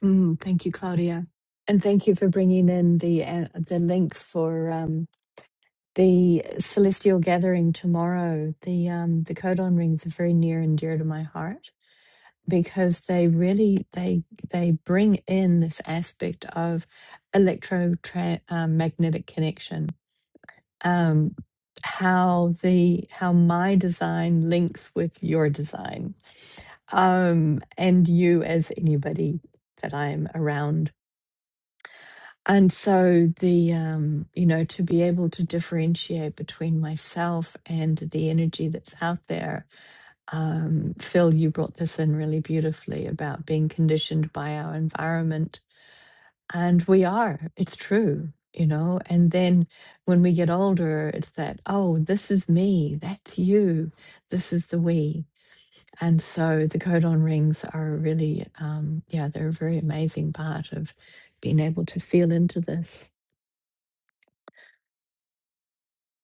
[SPEAKER 1] Mm, thank you, Claudia, and thank you for bringing in the uh, the link for um, the celestial gathering tomorrow. The um, the codon rings are very near and dear to my heart because they really they they bring in this aspect of electromagnetic um, magnetic connection um, how the how my design links with your design um, and you as anybody that I'm around. And so the um, you know to be able to differentiate between myself and the energy that's out there. Um, Phil, you brought this in really beautifully about being conditioned by our environment and we are. It's true, you know. And then when we get older, it's that, oh, this is me, that's you, this is the we. And so the codon rings are a really, um, yeah, they're a very amazing part of being able to feel into this.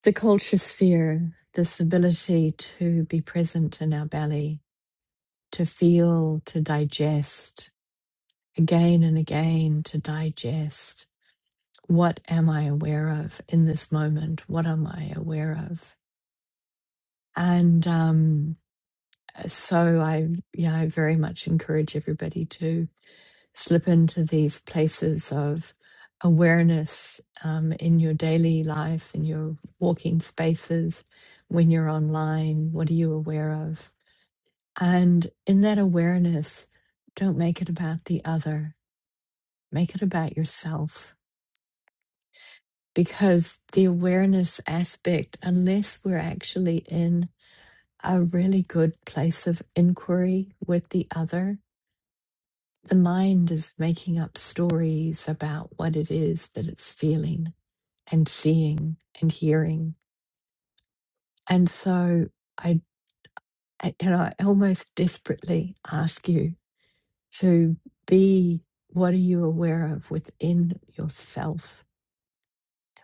[SPEAKER 1] The culture sphere, this ability to be present in our belly, to feel, to digest again and again, to digest What am I aware of in this moment? What am I aware of? And um, so I, yeah, I very much encourage everybody to slip into these places of awareness um, in your daily life, in your walking spaces, when you're online. What are you aware of? And in that awareness, don't make it about the other, make it about yourself because the awareness aspect, unless we're actually in a really good place of inquiry with the other, the mind is making up stories about what it is that it's feeling and seeing and hearing. And so I, I- you know, I almost desperately ask you to be what are you aware of within yourself?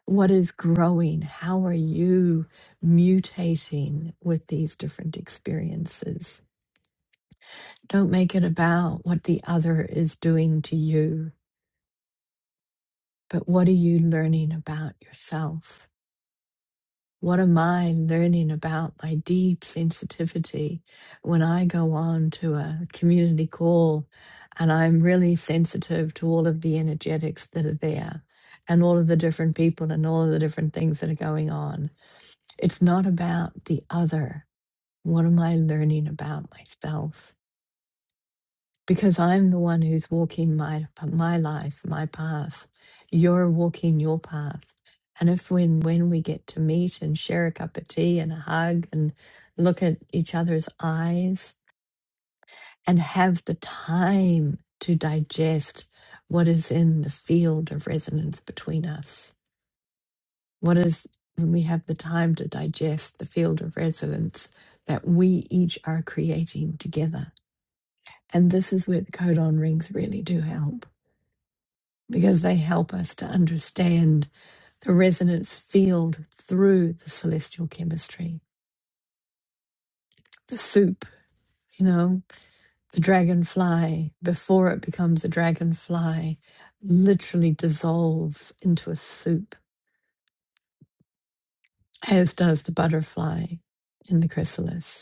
[SPEAKER 1] What is growing? How are you mutating with these different experiences? Don't make it about what the other is doing to you, but what are you learning about yourself? What am I learning about my deep sensitivity when I go on to a community call and I'm really sensitive to all of the energetics that are there and all of the different people and all of the different things that are going on? It's not about the other. What am I learning about myself? Because I'm the one who's walking my my life, my path. You're walking your path. And if when when we get to meet and share a cup of tea and a hug and look at each other's eyes and have the time to digest what is in the field of resonance between us What is when we have the time to digest the field of resonance that we each are creating together? And this is where the codon rings really do help because they help us to understand the resonance field through the celestial chemistry, the soup, you know, the dragonfly, before it becomes a dragonfly, literally dissolves into a soup, as does the butterfly in the chrysalis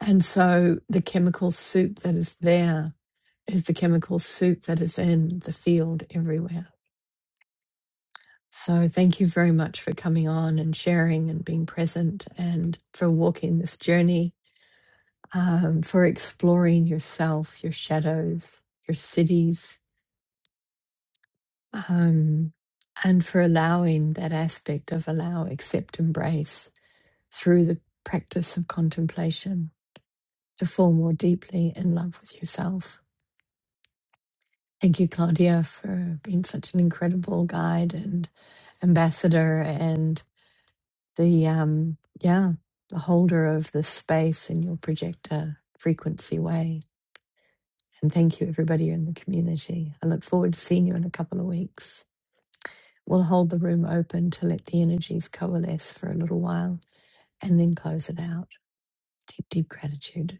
[SPEAKER 1] And so the chemical soup that is there is the chemical soup that is in the field everywhere. So thank you very much for coming on and sharing and being present and for walking this journey, um, for exploring yourself, your shadows, your cities, um, and for allowing that aspect of allow, accept, embrace through the practice of contemplation to fall more deeply in love with yourself. Thank you, Claudia, for being such an incredible guide and ambassador and the um yeah, the holder of this space in your projector frequency way. And thank you everybody in the community. I look forward to seeing you in a couple of weeks. We'll hold the room open to let the energies coalesce for a little while and then close it out. Deep, deep gratitude.